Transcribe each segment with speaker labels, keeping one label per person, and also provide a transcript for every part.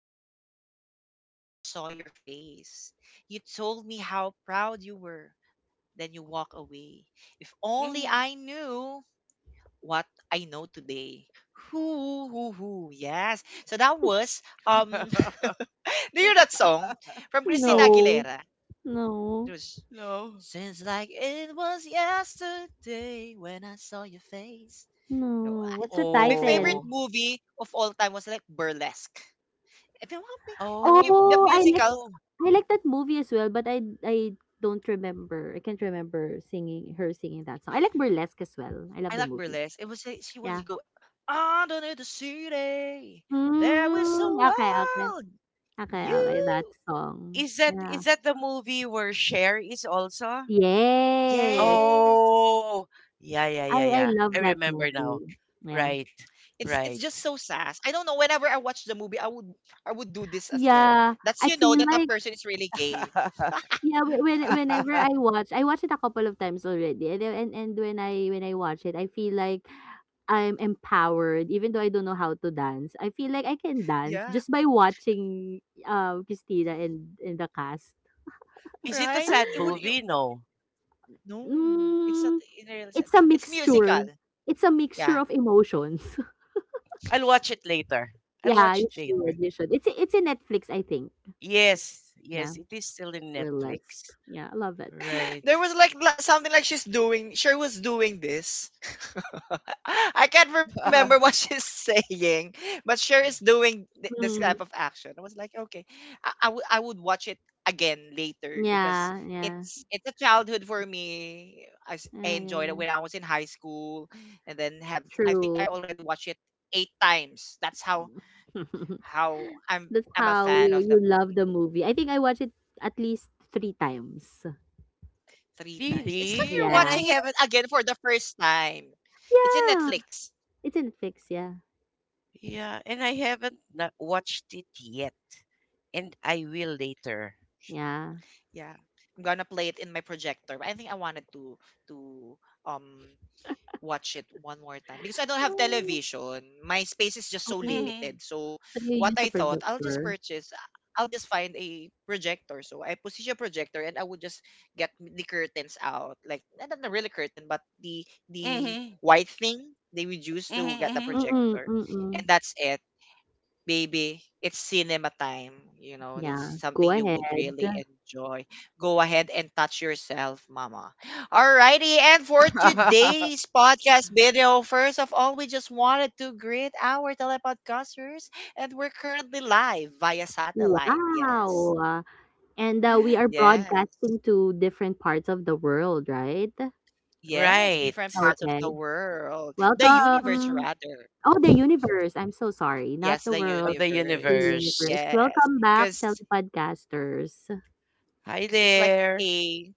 Speaker 1: yesterday when I saw your face, you told me how proud you were. Then you walk away. If only
Speaker 2: Mhm.
Speaker 1: I knew what I know today. Hoo, hoo, hoo. Yes. So that was, do you know that song from Christina
Speaker 2: No,
Speaker 3: No,
Speaker 1: Aguilera?
Speaker 3: no,
Speaker 1: It was,
Speaker 2: no.
Speaker 1: since like it was yesterday when I saw your face. No,
Speaker 3: no. What's the
Speaker 1: my favorite
Speaker 3: title?
Speaker 2: Oh.
Speaker 1: movie of all time was like Burlesque. If you want me, the
Speaker 3: Oh,
Speaker 1: musical,
Speaker 2: Oh.
Speaker 3: I like that movie as well, but I don't remember. I can't remember singing her singing that song. I like Burlesque as well. I love
Speaker 1: I
Speaker 3: the
Speaker 1: like
Speaker 3: movie.
Speaker 1: Burlesque. It was like, she will
Speaker 3: Yeah.
Speaker 1: go underneath the city. There is a
Speaker 3: Okay, okay.
Speaker 1: world.
Speaker 3: Okay, okay. That
Speaker 1: You.
Speaker 3: song.
Speaker 2: Is that
Speaker 3: Yeah.
Speaker 2: is that the movie where Cher is also?
Speaker 3: Yes.
Speaker 1: Yes.
Speaker 2: Oh. Yeah, yeah,
Speaker 3: I
Speaker 2: yeah,
Speaker 3: I
Speaker 2: yeah.
Speaker 3: love
Speaker 2: I
Speaker 3: that
Speaker 2: remember now.
Speaker 3: movie. Yeah.
Speaker 2: Right.
Speaker 1: It's
Speaker 2: Right.
Speaker 1: just so sass. I don't know. Whenever I watch the movie, I would do this as well.
Speaker 3: Yeah.
Speaker 1: That's
Speaker 3: I
Speaker 1: you know
Speaker 3: feel
Speaker 1: that the
Speaker 3: like
Speaker 1: person is really gay.
Speaker 3: yeah, when whenever I watch it a couple of times already, and then- and when I watch it, I feel like I'm empowered, even though I don't know how to dance. I feel like I can dance
Speaker 1: Yeah.
Speaker 3: just by watching Christina and the cast.
Speaker 2: Is it a
Speaker 1: Right?
Speaker 2: sad
Speaker 1: It would you
Speaker 2: movie? No.
Speaker 1: no, it's not
Speaker 3: Mm,
Speaker 1: in real sense.
Speaker 3: it's a
Speaker 1: It's musical.
Speaker 3: mixture. It's a mixture
Speaker 1: Yeah.
Speaker 3: of emotions.
Speaker 2: I'll watch it later. I'll
Speaker 3: Yeah,
Speaker 2: watch it
Speaker 3: you should.
Speaker 2: later.
Speaker 3: You should. It's in Netflix, I think.
Speaker 2: Yes.
Speaker 3: Yeah,
Speaker 2: Yes, it is still in
Speaker 3: burlesque.
Speaker 2: Netflix.
Speaker 3: Yeah, I love it.
Speaker 2: Right.
Speaker 1: There was like something like she was doing this. I can't remember what she's saying, but she is doing this type
Speaker 3: Mm,
Speaker 1: of action. I was like, okay, I would watch it again later because
Speaker 3: yeah, yeah,
Speaker 1: it's a childhood for me. I
Speaker 3: yeah, yeah,
Speaker 1: enjoyed it
Speaker 3: yeah.
Speaker 1: when I was in high school, and then have I think I
Speaker 3: True.
Speaker 1: already watched it eight times. That's how how I'm
Speaker 3: That's
Speaker 1: I'm a
Speaker 3: how
Speaker 1: fan
Speaker 3: you
Speaker 1: of that
Speaker 3: you love
Speaker 1: movie.
Speaker 3: the movie. I think I watched it at least 3 times.
Speaker 1: 3 times. It's like
Speaker 2: Really?
Speaker 1: you're
Speaker 2: And I
Speaker 3: Yeah.
Speaker 1: watching it
Speaker 2: haven't.
Speaker 1: again for the first time. It's in
Speaker 3: Yeah.
Speaker 1: Netflix.
Speaker 3: It's in Netflix, yeah.
Speaker 2: Yeah, and I haven't watched it yet, and I will later.
Speaker 3: Yeah.
Speaker 1: Yeah. I'm gonna play it in my projector. But I think I wanted to to um watch it one more time because I don't have
Speaker 3: Oh,
Speaker 1: television. My space is just so
Speaker 3: oh.
Speaker 2: Mhm,
Speaker 1: limited. So
Speaker 3: So you
Speaker 1: what
Speaker 3: use a
Speaker 1: I thought,
Speaker 3: projector?
Speaker 1: I'll just find a projector. So I position a projector and I would just get the curtains out. Like not the really curtain, but the
Speaker 2: mhm,
Speaker 1: white thing they would use to
Speaker 2: mhm,
Speaker 1: get the
Speaker 2: mhm.
Speaker 3: Mm,
Speaker 1: projector. And
Speaker 3: mm.
Speaker 1: that's it. Baby, it's cinema time. You know, it's
Speaker 3: Yeah,
Speaker 1: something
Speaker 3: go
Speaker 1: you
Speaker 3: ahead.
Speaker 1: would really enjoy. Go ahead and touch yourself, mama. Alrighty, and for today's podcast video, first of all, we just wanted to greet our telepodcasters, and we're currently live via satellite. Yes.
Speaker 3: Wow! And, we are
Speaker 1: Yes.
Speaker 3: broadcasting to different parts of the world, right?
Speaker 1: Yes,
Speaker 2: Right,
Speaker 1: different parts of
Speaker 3: Okay.
Speaker 1: the world. The universe,
Speaker 3: Welcome.
Speaker 1: rather.
Speaker 3: Oh, the universe. I'm so sorry, not
Speaker 1: Yes,
Speaker 3: the
Speaker 1: the
Speaker 2: of
Speaker 3: world,
Speaker 2: the
Speaker 3: the
Speaker 1: universe.
Speaker 3: universe.
Speaker 2: universe.
Speaker 1: Yes.
Speaker 3: Welcome back,
Speaker 1: Because
Speaker 3: telepodcasters.
Speaker 2: Hi
Speaker 1: it's like
Speaker 2: there.
Speaker 1: a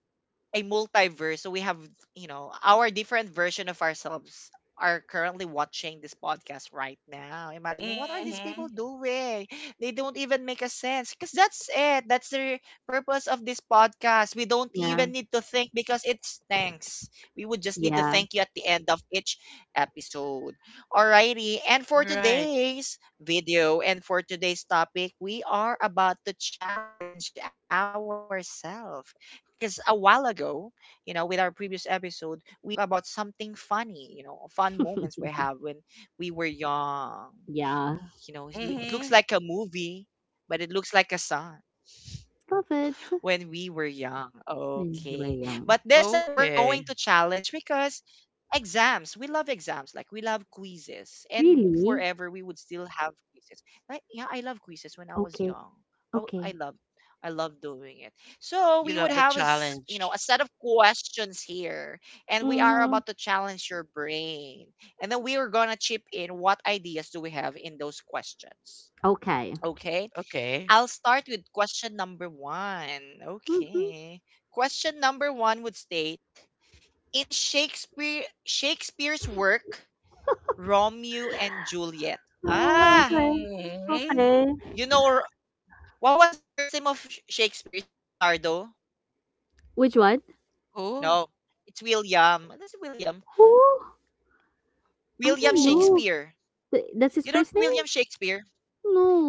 Speaker 1: a multiverse. So we have, our different version of ourselves are currently watching this podcast right now. Imagining what are these people
Speaker 2: Mhm.
Speaker 1: doing? They don't even make a sense. Because that's it. That's the purpose of this podcast. We don't
Speaker 3: Yeah.
Speaker 1: even need to think because it's thanks. We would just need to
Speaker 3: Yeah,
Speaker 1: thank you at the end of each episode. Alrighty. And for
Speaker 2: Right.
Speaker 1: today's video and for today's topic, we are about to challenge ourselves because a while ago, with our previous episode, we have talked about something funny, fun moments we have when we were young.
Speaker 3: yeah.
Speaker 1: You know, it looks
Speaker 2: Mhm.
Speaker 1: like a movie, but it looks like a song
Speaker 3: Love it
Speaker 1: when we were young.
Speaker 3: when you were
Speaker 1: Okay.
Speaker 3: young.
Speaker 1: But this time we're going
Speaker 2: Okay.
Speaker 1: to challenge because exams, we love exams. Like we love quizzes. And
Speaker 3: Really?
Speaker 1: forever we would still have quizzes. Like, yeah, I love quizzes when I was
Speaker 3: Okay,
Speaker 1: young. Oh, I
Speaker 3: okay.
Speaker 1: love I love doing it. So
Speaker 2: You
Speaker 1: we would
Speaker 2: love the
Speaker 1: have a a
Speaker 2: challenge.
Speaker 1: set of questions here and we are
Speaker 3: Mm-hmm.
Speaker 1: about to challenge your brain. And then we are going to chip in what ideas do we have in those questions.
Speaker 3: Okay.
Speaker 1: Okay?
Speaker 2: Okay.
Speaker 1: I'll start with question number one.
Speaker 3: Mm-hmm.
Speaker 1: Okay. Question number one would state in Shakespeare's work, Romeo and Juliet.
Speaker 3: Oh,
Speaker 1: Ah,
Speaker 3: okay,
Speaker 2: Mhm.
Speaker 3: okay.
Speaker 1: you know r- what was the first name of Shakespeare? Is it Leonardo?
Speaker 3: Which one?
Speaker 2: Who?
Speaker 1: No, it's William. That's William.
Speaker 3: Who? I
Speaker 1: William
Speaker 3: don't
Speaker 2: Who?
Speaker 3: know.
Speaker 1: Shakespeare.
Speaker 3: That's his
Speaker 1: You don't
Speaker 3: first
Speaker 1: know
Speaker 3: name?
Speaker 1: William Shakespeare?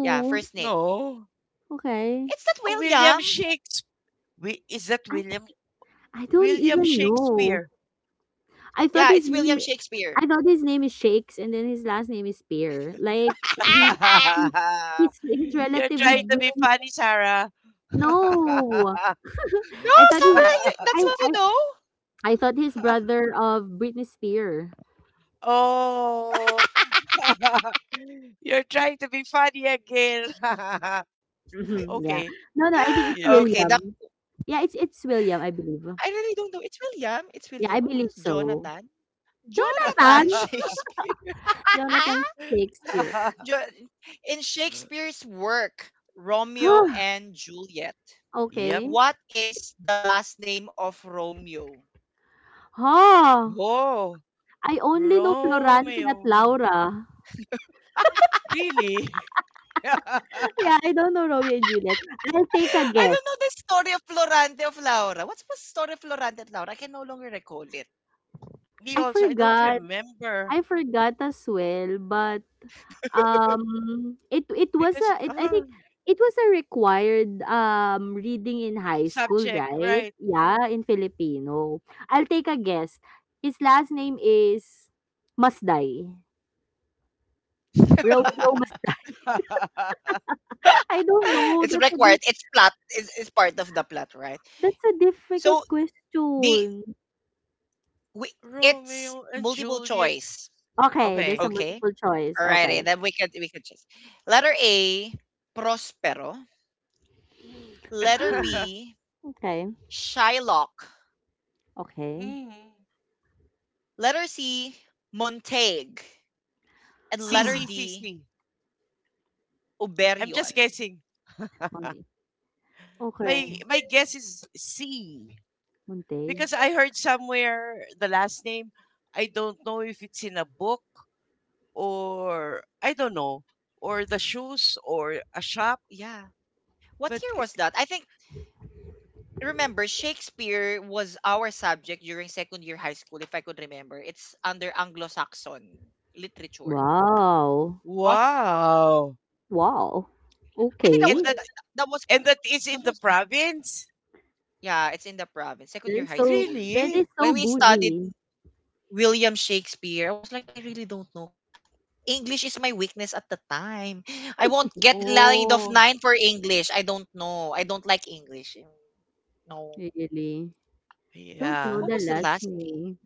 Speaker 1: Yeah, first name.
Speaker 2: No.
Speaker 3: Okay.
Speaker 1: It's not
Speaker 2: William
Speaker 1: William.
Speaker 2: Shakespeare. Is that
Speaker 3: I
Speaker 2: William?
Speaker 3: I don't
Speaker 2: William
Speaker 3: even know.
Speaker 2: Shakespeare.
Speaker 3: I thought
Speaker 1: Yeah,
Speaker 3: his
Speaker 1: it's
Speaker 3: name.
Speaker 1: William Shakespeare.
Speaker 3: I thought his name is Shakes, and then his last name is Spear. Like he he's his
Speaker 1: No,
Speaker 2: You're
Speaker 3: relative with
Speaker 2: trying to be
Speaker 3: Britney.
Speaker 2: funny, Sarah.
Speaker 3: No, I thought he.
Speaker 1: Sarah, you, that's what you
Speaker 3: I
Speaker 1: know.
Speaker 3: I thought his brother of Britney Spears.
Speaker 2: Oh. You're trying to be funny again.
Speaker 3: Mhm. Yeah.
Speaker 2: Okay,
Speaker 3: No, no, I think it's
Speaker 2: yeah.
Speaker 1: Okay, the
Speaker 3: William. Yeah, it's William, I believe.
Speaker 1: I really don't know. It's William. It's
Speaker 3: Yeah, I
Speaker 1: William. What
Speaker 3: believe
Speaker 1: was
Speaker 3: so.
Speaker 1: Jonathan? Jonathan
Speaker 3: Jonathan!
Speaker 1: Shakespeare.
Speaker 3: Jonathan Shakespeare.
Speaker 1: Jo- In Shakespeare's work, Romeo and Juliet,
Speaker 2: Yep.
Speaker 3: Okay.
Speaker 1: what is the last name of Romeo?
Speaker 3: Huh.
Speaker 2: Whoa,
Speaker 3: I only know Florante at
Speaker 2: Romeo.
Speaker 3: Laura.
Speaker 2: Really?
Speaker 3: Yeah, I don't know Romeo and Juliet. I'll take a
Speaker 1: I
Speaker 3: guess.
Speaker 1: don't know the story of Florante of Laura. What's the story of Florante and Laura? I can no longer recall it.
Speaker 2: Me
Speaker 3: I
Speaker 2: also, I don't
Speaker 3: forgot.
Speaker 2: remember
Speaker 3: I forgot as well, but um it it was
Speaker 2: because
Speaker 3: a it, I think it was a required reading in high school,
Speaker 2: subject,
Speaker 3: right?
Speaker 2: right?
Speaker 3: Yeah, in Filipino. I'll take a guess. His last name is Masday. Romeo
Speaker 2: Mm.
Speaker 3: Masday. I don't know.
Speaker 1: It's
Speaker 3: That's a
Speaker 1: required.
Speaker 3: dif-
Speaker 1: It's plot. It's part of the plot, right?
Speaker 3: that's a
Speaker 1: So
Speaker 3: difficult
Speaker 1: the
Speaker 3: question.
Speaker 1: we, it's
Speaker 2: Romeo and
Speaker 1: multiple
Speaker 2: Juliet.
Speaker 1: choice.
Speaker 3: Okay, there's
Speaker 2: Okay.
Speaker 3: a
Speaker 1: Okay.
Speaker 3: multiple choice.
Speaker 1: Alrighty,
Speaker 3: Okay.
Speaker 1: then we could just letter A, Prospero. Letter B,
Speaker 3: Okay.
Speaker 1: Shylock.
Speaker 3: Okay.
Speaker 2: Mm.
Speaker 1: Letter C, Montague. And
Speaker 2: C
Speaker 1: letter
Speaker 2: C C
Speaker 1: D,
Speaker 2: C. I'm
Speaker 1: Oberion.
Speaker 2: just guessing.
Speaker 3: Mommy.
Speaker 2: My
Speaker 3: Okay.
Speaker 2: my guess is C because
Speaker 3: Montage.
Speaker 2: I heard somewhere the last name. I don't know if it's in a book or I don't know or the shoes or a shop,
Speaker 1: Yeah. What
Speaker 2: but
Speaker 1: year
Speaker 2: it,
Speaker 1: was that? I think remember Shakespeare was our subject during second year high school, if I could remember. It's under Anglo-Saxon literature.
Speaker 3: Wow.
Speaker 1: Oh,
Speaker 2: wow.
Speaker 3: Wow!
Speaker 1: I think that, wa-
Speaker 2: And
Speaker 3: Okay,
Speaker 2: that
Speaker 1: that that was
Speaker 2: and that is
Speaker 1: that
Speaker 2: in the
Speaker 1: was
Speaker 2: province.
Speaker 1: yeah, it's in the province, second
Speaker 3: that
Speaker 1: year
Speaker 3: is
Speaker 1: high
Speaker 3: so
Speaker 1: school.
Speaker 3: that is
Speaker 2: Really?
Speaker 3: so
Speaker 1: When we studied
Speaker 3: bougie,
Speaker 1: William Shakespeare. I was like, I really don't know because English is my weakness at the time. I won't get line of
Speaker 2: Oh,
Speaker 1: nine for English. I don't know. I don't like English. Mm, no.
Speaker 3: really. Don't know
Speaker 2: yeah.
Speaker 1: What
Speaker 3: the
Speaker 1: was the
Speaker 3: last
Speaker 1: last thing?
Speaker 3: name.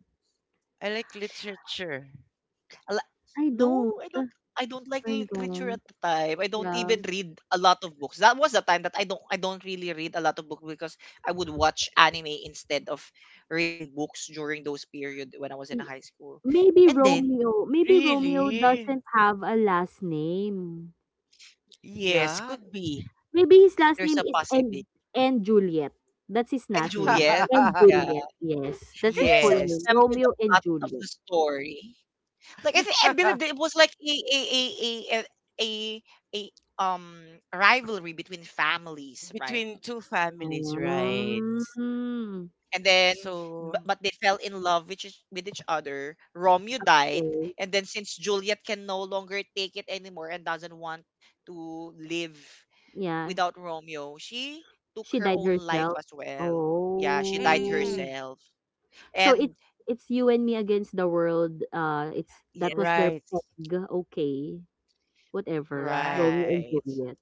Speaker 2: I like literature.
Speaker 1: A la-
Speaker 3: I
Speaker 1: No,
Speaker 3: don't.
Speaker 1: I don't. I don't like
Speaker 3: I
Speaker 1: literature at
Speaker 3: don't.
Speaker 1: the time. I don't
Speaker 3: Yeah.
Speaker 1: even read a lot of books. That was the time that I don't. I don't really read a lot of books because I would watch anime instead of reading books during those period when I was in
Speaker 3: Y-
Speaker 1: high school.
Speaker 3: Maybe
Speaker 1: And then,
Speaker 3: Romeo. Maybe Romeo
Speaker 2: Really?
Speaker 3: doesn't have a last name.
Speaker 2: Yes,
Speaker 1: yeah,
Speaker 2: could be.
Speaker 3: Maybe his last
Speaker 1: there's
Speaker 3: name
Speaker 1: a
Speaker 3: is and
Speaker 1: possibility.
Speaker 3: and Juliet. That's his
Speaker 1: And
Speaker 3: last name.
Speaker 1: Juliet.
Speaker 3: And
Speaker 1: Yeah.
Speaker 3: Juliet. Yes, that's
Speaker 1: Can
Speaker 3: his
Speaker 1: you
Speaker 3: full
Speaker 1: still
Speaker 3: name.
Speaker 2: Yes.
Speaker 1: remember the
Speaker 3: Romeo and
Speaker 1: plot of
Speaker 3: Juliet.
Speaker 1: the story? Like I think I believe that it was like a a, a, a um rivalry between families, right?
Speaker 2: Between two families, right?
Speaker 3: Um,
Speaker 1: And then but,
Speaker 2: So,
Speaker 1: but they fell in love with each other. Romeo died,
Speaker 3: okay.
Speaker 1: and then since Juliet can no longer take it anymore and doesn't want to live
Speaker 3: Yeah.
Speaker 1: without Romeo, she took
Speaker 3: She
Speaker 1: her
Speaker 3: died
Speaker 1: own life
Speaker 3: herself?
Speaker 1: as well. Yeah, she died
Speaker 3: Oh.
Speaker 2: mm,
Speaker 1: herself.
Speaker 3: So it's
Speaker 1: And
Speaker 3: it's you and me against the world. It's that
Speaker 1: yes.
Speaker 3: was their
Speaker 2: right,
Speaker 3: peg. Okay. Whatever.
Speaker 2: right.
Speaker 3: Romeo and
Speaker 1: Right.
Speaker 3: Juliet.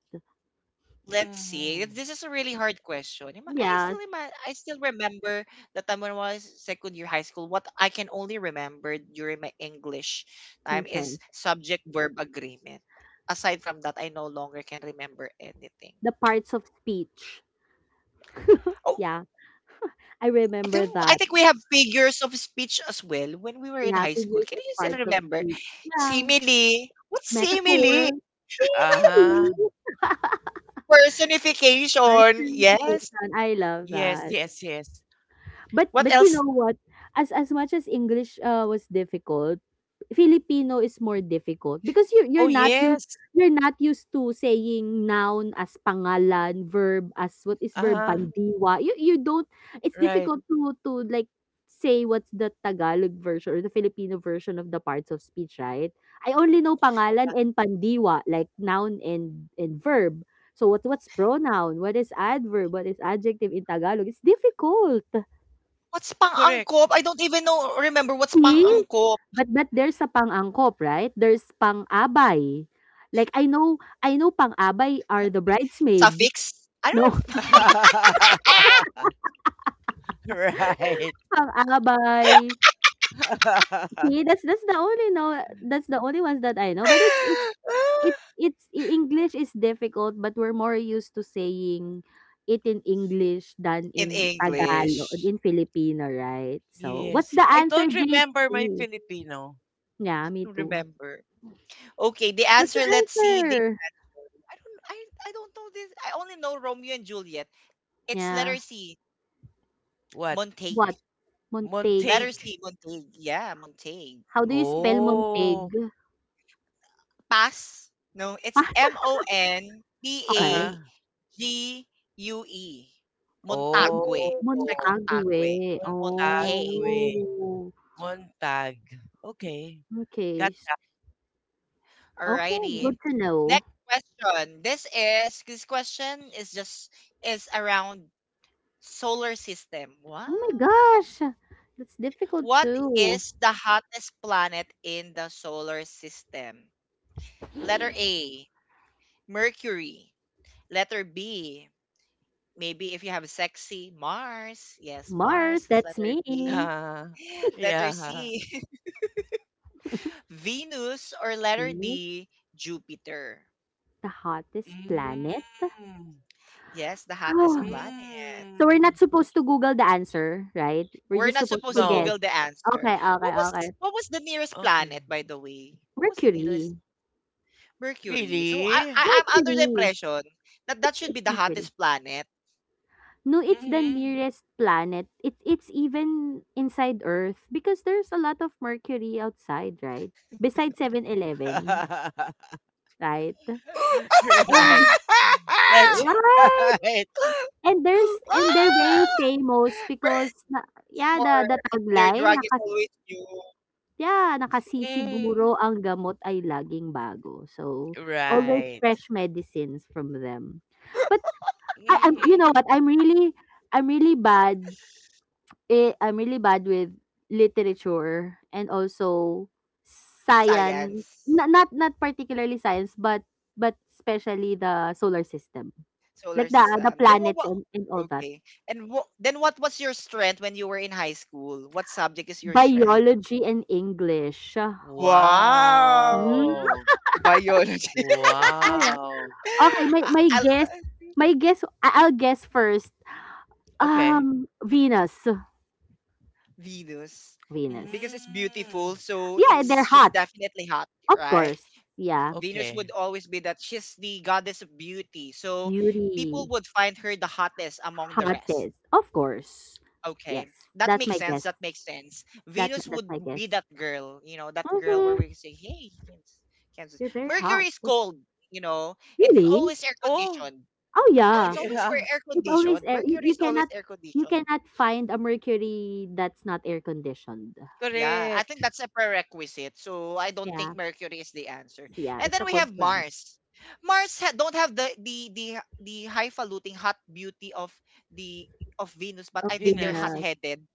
Speaker 1: Let's see.
Speaker 2: Mm-hmm.
Speaker 1: This is a really hard question. Ima- I still
Speaker 3: Yes.
Speaker 1: ima- I still remember the time when I was second year high school. What I can only remember during my English time is
Speaker 3: Okay.
Speaker 1: subject verb agreement. Aside from that, I no longer can remember anything.
Speaker 3: The parts of speech.
Speaker 1: Oh,
Speaker 3: Yeah. I
Speaker 1: I think
Speaker 3: remember
Speaker 1: I
Speaker 3: that.
Speaker 1: think we have figures of speech as well when we were in
Speaker 3: Yeah,
Speaker 1: high school.
Speaker 3: figures
Speaker 1: Can
Speaker 3: and
Speaker 1: you still
Speaker 3: parts of
Speaker 1: remember?
Speaker 3: speech. Yeah.
Speaker 1: Simile. What's simile?
Speaker 3: Metaphor.
Speaker 2: Uh-huh.
Speaker 3: Really?
Speaker 1: Personification. Yes.
Speaker 3: Personification. I love
Speaker 2: Yes,
Speaker 3: that.
Speaker 2: yes, yes.
Speaker 1: What
Speaker 3: But you
Speaker 1: else
Speaker 3: know what? As much as English was difficult, Filipino is more difficult because you
Speaker 2: Oh,
Speaker 3: you're not used
Speaker 2: yes.
Speaker 3: you're not used to saying noun as pangalan, verb as what is verb,
Speaker 2: Uh-huh.
Speaker 3: pandiwa. You don't it's
Speaker 2: Right.
Speaker 3: difficult to like say what's the Tagalog version or the Filipino version of the parts of speech, right? I only know pangalan and pandiwa, like noun and verb. So what what's pronoun? What is adverb? What is adjective in Tagalog? It's difficult.
Speaker 1: What's
Speaker 2: Correct.
Speaker 1: pang-angkop? I don't even know remember what's
Speaker 3: See?
Speaker 1: pang-angkop.
Speaker 3: But there's a pang-angkop, right? There's pang-abay. Like I know pang-abay are the bridesmaid,
Speaker 1: Suffix? I don't.
Speaker 3: no?
Speaker 2: Right.
Speaker 3: Pang-abay. See, that's the only no that's the only ones that I know. But it's it's it's i- English is difficult, but we're more used to saying it in English than
Speaker 1: In
Speaker 3: in Tagalog,
Speaker 1: English.
Speaker 3: in Filipino, right? So, what's
Speaker 2: Yes.
Speaker 3: the
Speaker 2: I
Speaker 3: answer,
Speaker 2: don't remember my
Speaker 3: JP?
Speaker 2: Filipino.
Speaker 3: Yeah, me
Speaker 1: Do
Speaker 3: too.
Speaker 1: remember. Okay, the
Speaker 3: What's
Speaker 1: answer,
Speaker 3: the
Speaker 1: let's see. The
Speaker 3: answer?
Speaker 1: I don't I I don't know this. I only know Romeo and Juliet. It's letter
Speaker 3: Yeah.
Speaker 1: C,
Speaker 2: What?
Speaker 1: Montague.
Speaker 3: What? Montague.
Speaker 1: Letter
Speaker 2: Montake.
Speaker 1: C, Montague. Yeah, Montague.
Speaker 3: How do you spell
Speaker 1: Mm.
Speaker 3: Monteg?
Speaker 2: Oh.
Speaker 1: Pass. No, it's M O N T
Speaker 3: Okay.
Speaker 2: Uh-huh.
Speaker 1: A G U E.
Speaker 3: Mon
Speaker 1: Montague.
Speaker 2: Oh,
Speaker 1: It's like Montague.
Speaker 3: Montague,
Speaker 2: Montag
Speaker 1: Montague.
Speaker 2: way.
Speaker 3: oh,
Speaker 2: Montag. Okay. Got
Speaker 3: okay, s okay,
Speaker 1: Alrighty.
Speaker 3: good to know.
Speaker 1: Next question. This question is just is around solar system.
Speaker 3: Oh my
Speaker 1: Wow.
Speaker 3: gosh, that's difficult
Speaker 1: What
Speaker 3: too.
Speaker 1: is the hottest planet in the solar system? Letter A, Mercury. Letter B, maybe if you have sexy Mars. Yes, Mars
Speaker 3: Mars,
Speaker 1: is
Speaker 3: that's
Speaker 1: letter
Speaker 3: me.
Speaker 1: B.
Speaker 2: uh,
Speaker 1: Letter
Speaker 2: yeah.
Speaker 1: C, Venus, or letter
Speaker 3: Venus,
Speaker 1: D, Jupiter.
Speaker 3: the hottest planet?
Speaker 2: Mm.
Speaker 1: Yes, the
Speaker 3: Oh.
Speaker 1: hottest planet.
Speaker 3: So we're
Speaker 2: Mm.
Speaker 3: not supposed to Google the answer, right? We're
Speaker 1: We're
Speaker 3: just
Speaker 1: not
Speaker 3: supposed
Speaker 1: supposed
Speaker 3: to
Speaker 1: to
Speaker 2: No.
Speaker 3: guess.
Speaker 1: Google the answer.
Speaker 3: Okay, okay,
Speaker 1: What
Speaker 3: okay.
Speaker 1: was what was the nearest
Speaker 2: Okay.
Speaker 1: planet, by the way? What was the nearest
Speaker 3: Mercury.
Speaker 1: Mercury? So I, I
Speaker 2: Really?
Speaker 1: I'm under the
Speaker 3: Mercury.
Speaker 1: impression that that
Speaker 3: It's
Speaker 1: should be
Speaker 3: it's
Speaker 1: the
Speaker 3: Mercury.
Speaker 1: hottest planet.
Speaker 3: No, it's the
Speaker 2: Mm-hmm.
Speaker 3: nearest planet. It's even inside Earth because there's a lot of mercury outside, right? Besides 7-Eleven right?
Speaker 2: Right.
Speaker 3: And
Speaker 2: That's
Speaker 3: right!
Speaker 2: right.
Speaker 3: And there's and they're very famous because
Speaker 1: Mer-
Speaker 3: yeah, the
Speaker 1: for
Speaker 3: the
Speaker 1: their
Speaker 3: tagline
Speaker 1: drug is
Speaker 3: naka
Speaker 1: always new.
Speaker 3: yeah,
Speaker 2: Mm.
Speaker 3: nakasisiguro ang gamot ay laging bago. So, always
Speaker 2: Right.
Speaker 3: fresh medicines from them. But I'm you know
Speaker 2: Mm-hmm.
Speaker 3: what? I'm really bad I'm really bad with literature and also science,
Speaker 1: Science,
Speaker 3: not particularly science, but especially the solar system,
Speaker 1: solar
Speaker 3: like the
Speaker 1: system. Then what?
Speaker 3: planets
Speaker 1: What?
Speaker 3: and all that.
Speaker 1: Okay. And what? Then what was your strength when you were in high school? What subject is your strength?
Speaker 3: Biology and English. Hmm,
Speaker 1: Wow,
Speaker 2: Wow.
Speaker 1: biology.
Speaker 3: ayun.
Speaker 2: Wow.
Speaker 3: Okay, my
Speaker 1: I,
Speaker 3: my
Speaker 1: I,
Speaker 3: guess, my guess, I'll guess first.
Speaker 2: Okay.
Speaker 3: Venus.
Speaker 1: Venus because it's
Speaker 3: Venus.
Speaker 2: Mm.
Speaker 1: beautiful. So
Speaker 3: Yeah, they're
Speaker 1: it's she's
Speaker 3: hot.
Speaker 1: definitely hot,
Speaker 3: Of
Speaker 1: right?
Speaker 3: course. Yeah.
Speaker 1: Venus would
Speaker 2: Okay.
Speaker 1: always be that she's the goddess of beauty. So people
Speaker 3: Beauty.
Speaker 1: would find her the hottest among the rest.
Speaker 3: Hottest, of course.
Speaker 1: Okay.
Speaker 3: Yes,
Speaker 1: That
Speaker 3: that's
Speaker 1: makes
Speaker 3: my guess.
Speaker 1: sense. That makes sense.
Speaker 3: That
Speaker 1: Venus
Speaker 3: that's my
Speaker 1: would be
Speaker 3: guess.
Speaker 1: that girl, you know, that girl where
Speaker 3: Mm-hmm.
Speaker 1: we say, hey, Kansas. Kansas.
Speaker 3: You're very
Speaker 1: Mercury
Speaker 3: hot.
Speaker 1: is
Speaker 3: Oh,
Speaker 1: cold, you know. It's
Speaker 3: really?
Speaker 1: always air
Speaker 2: Oh,
Speaker 1: conditioned.
Speaker 3: Oh
Speaker 1: Yeah, it's
Speaker 3: yeah.
Speaker 1: always
Speaker 2: yeah,
Speaker 1: air
Speaker 3: It's always
Speaker 1: conditioned.
Speaker 3: air. You,
Speaker 1: Mercury
Speaker 3: you
Speaker 1: is always
Speaker 3: cannot
Speaker 1: air
Speaker 3: you
Speaker 1: conditioned.
Speaker 3: cannot find a Mercury that's not air conditioned.
Speaker 1: Yeah, I think
Speaker 2: correct.
Speaker 1: that's a prerequisite. So I don't
Speaker 3: Yeah,
Speaker 1: think Mercury is the answer.
Speaker 3: yeah.
Speaker 1: And
Speaker 3: It's
Speaker 1: then
Speaker 3: the
Speaker 1: we
Speaker 3: cold
Speaker 1: have
Speaker 3: planet
Speaker 1: Mars. Mars don't have the highfalutin hot beauty of the of Venus, but
Speaker 3: of
Speaker 1: I think they're
Speaker 2: Venus.
Speaker 3: Venus.
Speaker 1: hot-headed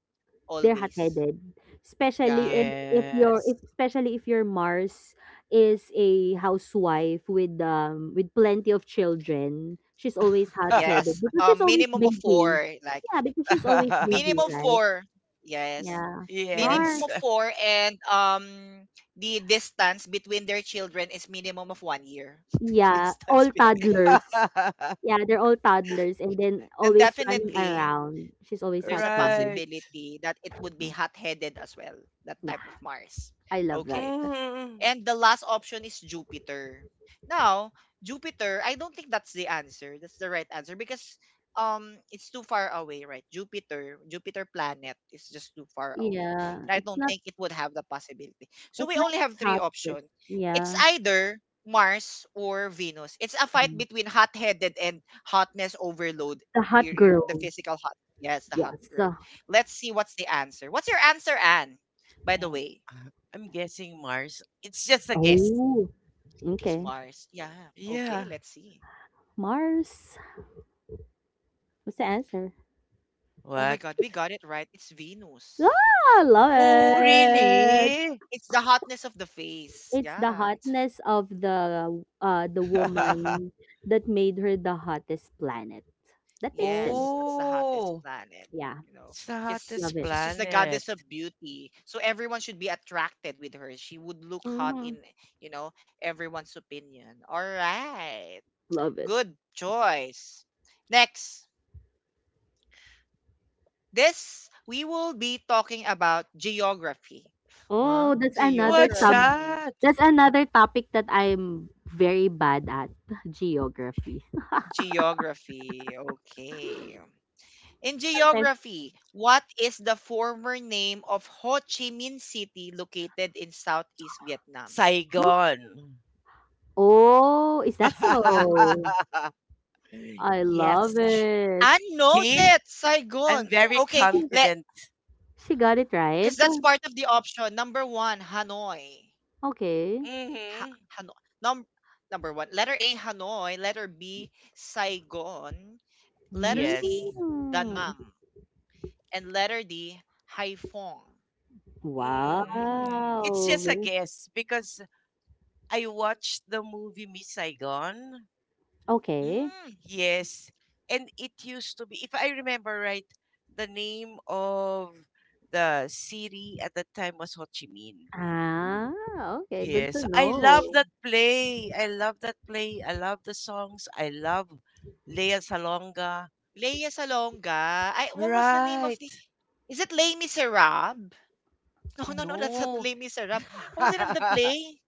Speaker 3: They're
Speaker 1: always.
Speaker 3: hot-headed especially
Speaker 1: Yeah,
Speaker 3: if your
Speaker 2: Yes.
Speaker 3: if especially if your mars is a housewife with plenty of children, she's always hot-headed
Speaker 1: yes.
Speaker 3: because she's always
Speaker 1: Minimum of
Speaker 3: busy
Speaker 1: four, like
Speaker 3: yeah because she's always busy
Speaker 1: minimum
Speaker 3: right
Speaker 1: four. Yes.
Speaker 3: yeah
Speaker 1: Minimum
Speaker 3: mars
Speaker 2: Yes.
Speaker 1: of four and the distance between their children is minimum of one year.
Speaker 3: yeah
Speaker 1: Distance
Speaker 3: all
Speaker 1: between.
Speaker 3: toddlers yeah they're all toddlers and then
Speaker 1: Then
Speaker 3: always running
Speaker 1: definitely
Speaker 3: around she's always
Speaker 1: there's a
Speaker 3: hot-headed.
Speaker 2: Right.
Speaker 1: possibility that it would be
Speaker 3: Uh,
Speaker 1: hot headed as well, that type of
Speaker 3: yeah,
Speaker 1: Mars.
Speaker 3: I love that
Speaker 1: Okay.
Speaker 2: Mm.
Speaker 1: And the last option is Jupiter. Now, Jupiter, I don't think that's the answer. That's the right answer because it's too far away, right? Jupiter planet is just too far away.
Speaker 3: yeah
Speaker 1: And I don't think it would have the possibility. So we
Speaker 3: it's not
Speaker 1: only have three
Speaker 3: hot but
Speaker 1: options. It's
Speaker 3: yeah.
Speaker 1: either Mars or Venus. It's a fight
Speaker 3: Mm.
Speaker 1: between hot-headed and hotness overload.
Speaker 3: The
Speaker 1: You
Speaker 3: hot
Speaker 1: you know, the
Speaker 3: girl.
Speaker 1: physical hot. Yes, the hot
Speaker 3: Yes.
Speaker 1: girl. Let's see what's the answer. What's your answer, Anne? By the
Speaker 2: Mm,
Speaker 1: way.
Speaker 2: I'm guessing Mars. It's just a guess.
Speaker 3: Oh.
Speaker 1: It's
Speaker 3: Okay.
Speaker 1: Mars. Yeah. Okay,
Speaker 2: Yeah.
Speaker 1: let's see.
Speaker 3: Mars. What's the answer?
Speaker 1: Oh my
Speaker 2: What?
Speaker 1: God, we got it right. It's Venus.
Speaker 3: Ah, love
Speaker 2: Oh,
Speaker 1: It's
Speaker 3: it.
Speaker 2: really?
Speaker 1: it's the hotness of the face.
Speaker 3: It's the
Speaker 1: Yeah, it's
Speaker 3: hotness of the woman that made her the hottest planet. That makes sense.
Speaker 1: yes, that's the hottest
Speaker 2: Oh,
Speaker 1: planet.
Speaker 3: Yeah,
Speaker 1: You know,
Speaker 2: it's the
Speaker 1: she's
Speaker 3: love
Speaker 2: hottest
Speaker 3: it.
Speaker 1: she's she's the goddess
Speaker 2: planet.
Speaker 1: of beauty. So everyone should be attracted with her. She would look hot
Speaker 3: Mm-hmm.
Speaker 1: in, you know, everyone's opinion. All right.
Speaker 3: Love it.
Speaker 1: Good choice. Next, this we will be talking about geography.
Speaker 3: Oh,
Speaker 1: Wow,
Speaker 3: that's another
Speaker 2: What's
Speaker 3: sub.
Speaker 1: geography.
Speaker 2: that?
Speaker 3: That's another topic that I'm very bad at geography.
Speaker 1: Geography. Okay. In
Speaker 3: Okay.
Speaker 1: geography, what is the former name of Ho Chi Minh City located in Southeast Vietnam?
Speaker 2: Saigon.
Speaker 3: Oh, is that so? I
Speaker 2: Yes.
Speaker 3: love
Speaker 1: Sh-
Speaker 3: it.
Speaker 1: Anne knows
Speaker 2: See?
Speaker 1: it. Saigon.
Speaker 2: I'm very
Speaker 1: Okay, let
Speaker 2: confident.
Speaker 3: She got it
Speaker 1: because
Speaker 3: right?
Speaker 1: that's part of the option. Number one, Hanoi.
Speaker 3: Okay.
Speaker 1: Ha,
Speaker 2: Mm-hmm.
Speaker 1: Hanoi. Number one. Letter A, Hanoi. Letter B, Saigon. Letter
Speaker 2: Yes.
Speaker 1: C, Da
Speaker 3: Mm.
Speaker 1: Nang. And letter D, Haiphong.
Speaker 2: Mm. It's
Speaker 1: Hmm.
Speaker 3: Wow.
Speaker 2: just a
Speaker 3: Very
Speaker 2: guess because I watched the movie Miss Saigon.
Speaker 3: okay.
Speaker 1: Mm.
Speaker 2: Yes. And it used to be, if I remember right, the name of the city at that time was Ho Chi Minh.
Speaker 3: Ah, okay. Good to
Speaker 2: Yes. I
Speaker 1: Ho
Speaker 2: love
Speaker 3: know.
Speaker 1: Chi
Speaker 2: that play. I love that play. I love the songs. I love Lea Salonga.
Speaker 1: Lea Salonga. I What was the name of the
Speaker 2: Right.
Speaker 1: Is it Les Miserables? No, no, no, that's not
Speaker 2: No.
Speaker 1: Les Miserables. What was the name of the play?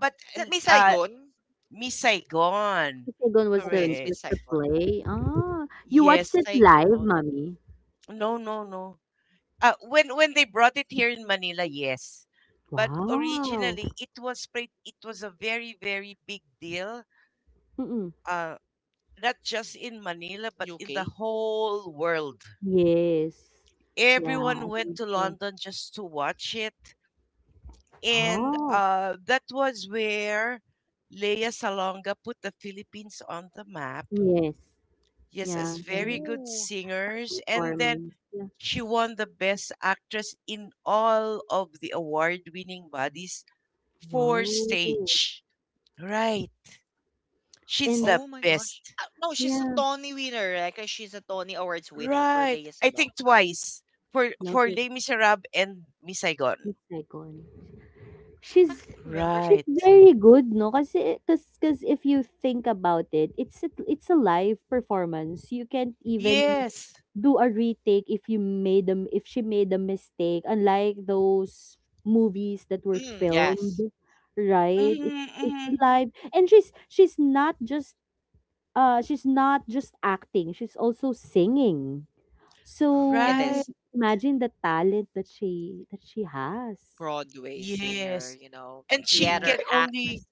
Speaker 2: But
Speaker 1: Is that Miss Saigon?
Speaker 2: Miss Saigon,
Speaker 3: Isegon
Speaker 1: Okay, it's
Speaker 3: was
Speaker 1: Miss
Speaker 2: correct?
Speaker 3: the
Speaker 1: Saigon.
Speaker 3: play. Ah, you
Speaker 2: Yes.
Speaker 3: watched
Speaker 1: Miss
Speaker 3: it live,
Speaker 1: Saigon,
Speaker 3: mommy.
Speaker 2: No, no, no. When they brought it here in Manila, yes. But
Speaker 3: Wow.
Speaker 2: originally, it was a very very big deal.
Speaker 3: Mm-mm.
Speaker 2: Uh, Not just in Manila, but in the
Speaker 1: UK.
Speaker 2: whole world.
Speaker 3: Yes. Yeah, I
Speaker 2: Everyone went
Speaker 3: believe
Speaker 2: to
Speaker 3: so.
Speaker 2: London just to watch it, and
Speaker 3: Oh,
Speaker 2: that was where Lea Salonga put the Philippines on the map.
Speaker 3: yes.
Speaker 2: Yes, as
Speaker 3: Yeah,
Speaker 2: very good
Speaker 1: Ooh.
Speaker 2: singers. And
Speaker 3: performance.
Speaker 2: then
Speaker 3: Yeah.
Speaker 2: she won the Best Actress in all of the award winning bodies for
Speaker 3: Wow.
Speaker 2: stage. Right. She's
Speaker 3: And
Speaker 2: the
Speaker 1: Oh my gosh.
Speaker 2: best.
Speaker 1: Ah, no, she's a
Speaker 3: yeah,
Speaker 1: Tony winner, right? 'Cause she's a Tony Awards winner for
Speaker 2: Right.
Speaker 1: Lea
Speaker 2: I think
Speaker 1: Salonga.
Speaker 2: twice for
Speaker 3: love
Speaker 2: for
Speaker 3: it.
Speaker 2: Les Miserables and Miss Saigon.
Speaker 3: Miss Saigon.
Speaker 1: I
Speaker 3: She's
Speaker 1: can't remember.
Speaker 3: She's
Speaker 2: Right.
Speaker 3: very good, no? Kasi, cause, cause if you think about it, it's a live performance. You can't even
Speaker 2: Yes.
Speaker 3: do a retake if you made them if she made a mistake. Unlike those movies that were
Speaker 1: Yes,
Speaker 3: filmed, right? It's
Speaker 2: Hmm,
Speaker 3: it's
Speaker 2: hmm.
Speaker 3: live, and she's not just she's not just acting. She's also singing.
Speaker 1: it
Speaker 3: So
Speaker 2: Right.
Speaker 1: is.
Speaker 3: imagine the talent that she has.
Speaker 1: Broadway singer,
Speaker 2: Yes.
Speaker 1: you know,
Speaker 2: And she
Speaker 3: Yeah.
Speaker 1: theater
Speaker 2: can
Speaker 1: actress.
Speaker 2: only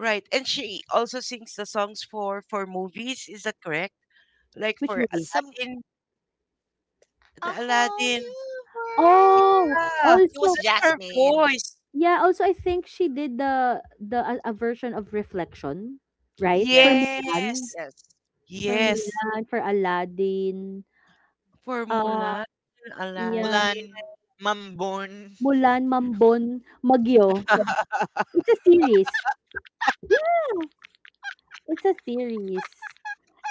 Speaker 2: right. And she also sings the songs for movies. Is that correct? Like
Speaker 3: Which
Speaker 2: for
Speaker 3: movie?
Speaker 1: Some
Speaker 2: Aladdin, the
Speaker 1: A whole
Speaker 2: Aladdin.
Speaker 1: new
Speaker 3: Oh,
Speaker 1: world.
Speaker 2: Ah,
Speaker 1: She was
Speaker 3: also
Speaker 2: that's her
Speaker 1: Jasmine.
Speaker 2: voice.
Speaker 3: yeah, also I think she did the a version of Reflection, right? For
Speaker 1: Yes.
Speaker 3: Mulan,
Speaker 2: Yes,
Speaker 1: Yes.
Speaker 3: for
Speaker 2: yes.
Speaker 3: Mulan, for Aladdin.
Speaker 2: For
Speaker 3: Uh
Speaker 2: Mulan,
Speaker 3: yeah,
Speaker 1: Mulan,
Speaker 2: Aladdin.
Speaker 1: Mambon.
Speaker 3: Mulan, Mambon, Magyo. It's a series. Yeah, it's a series.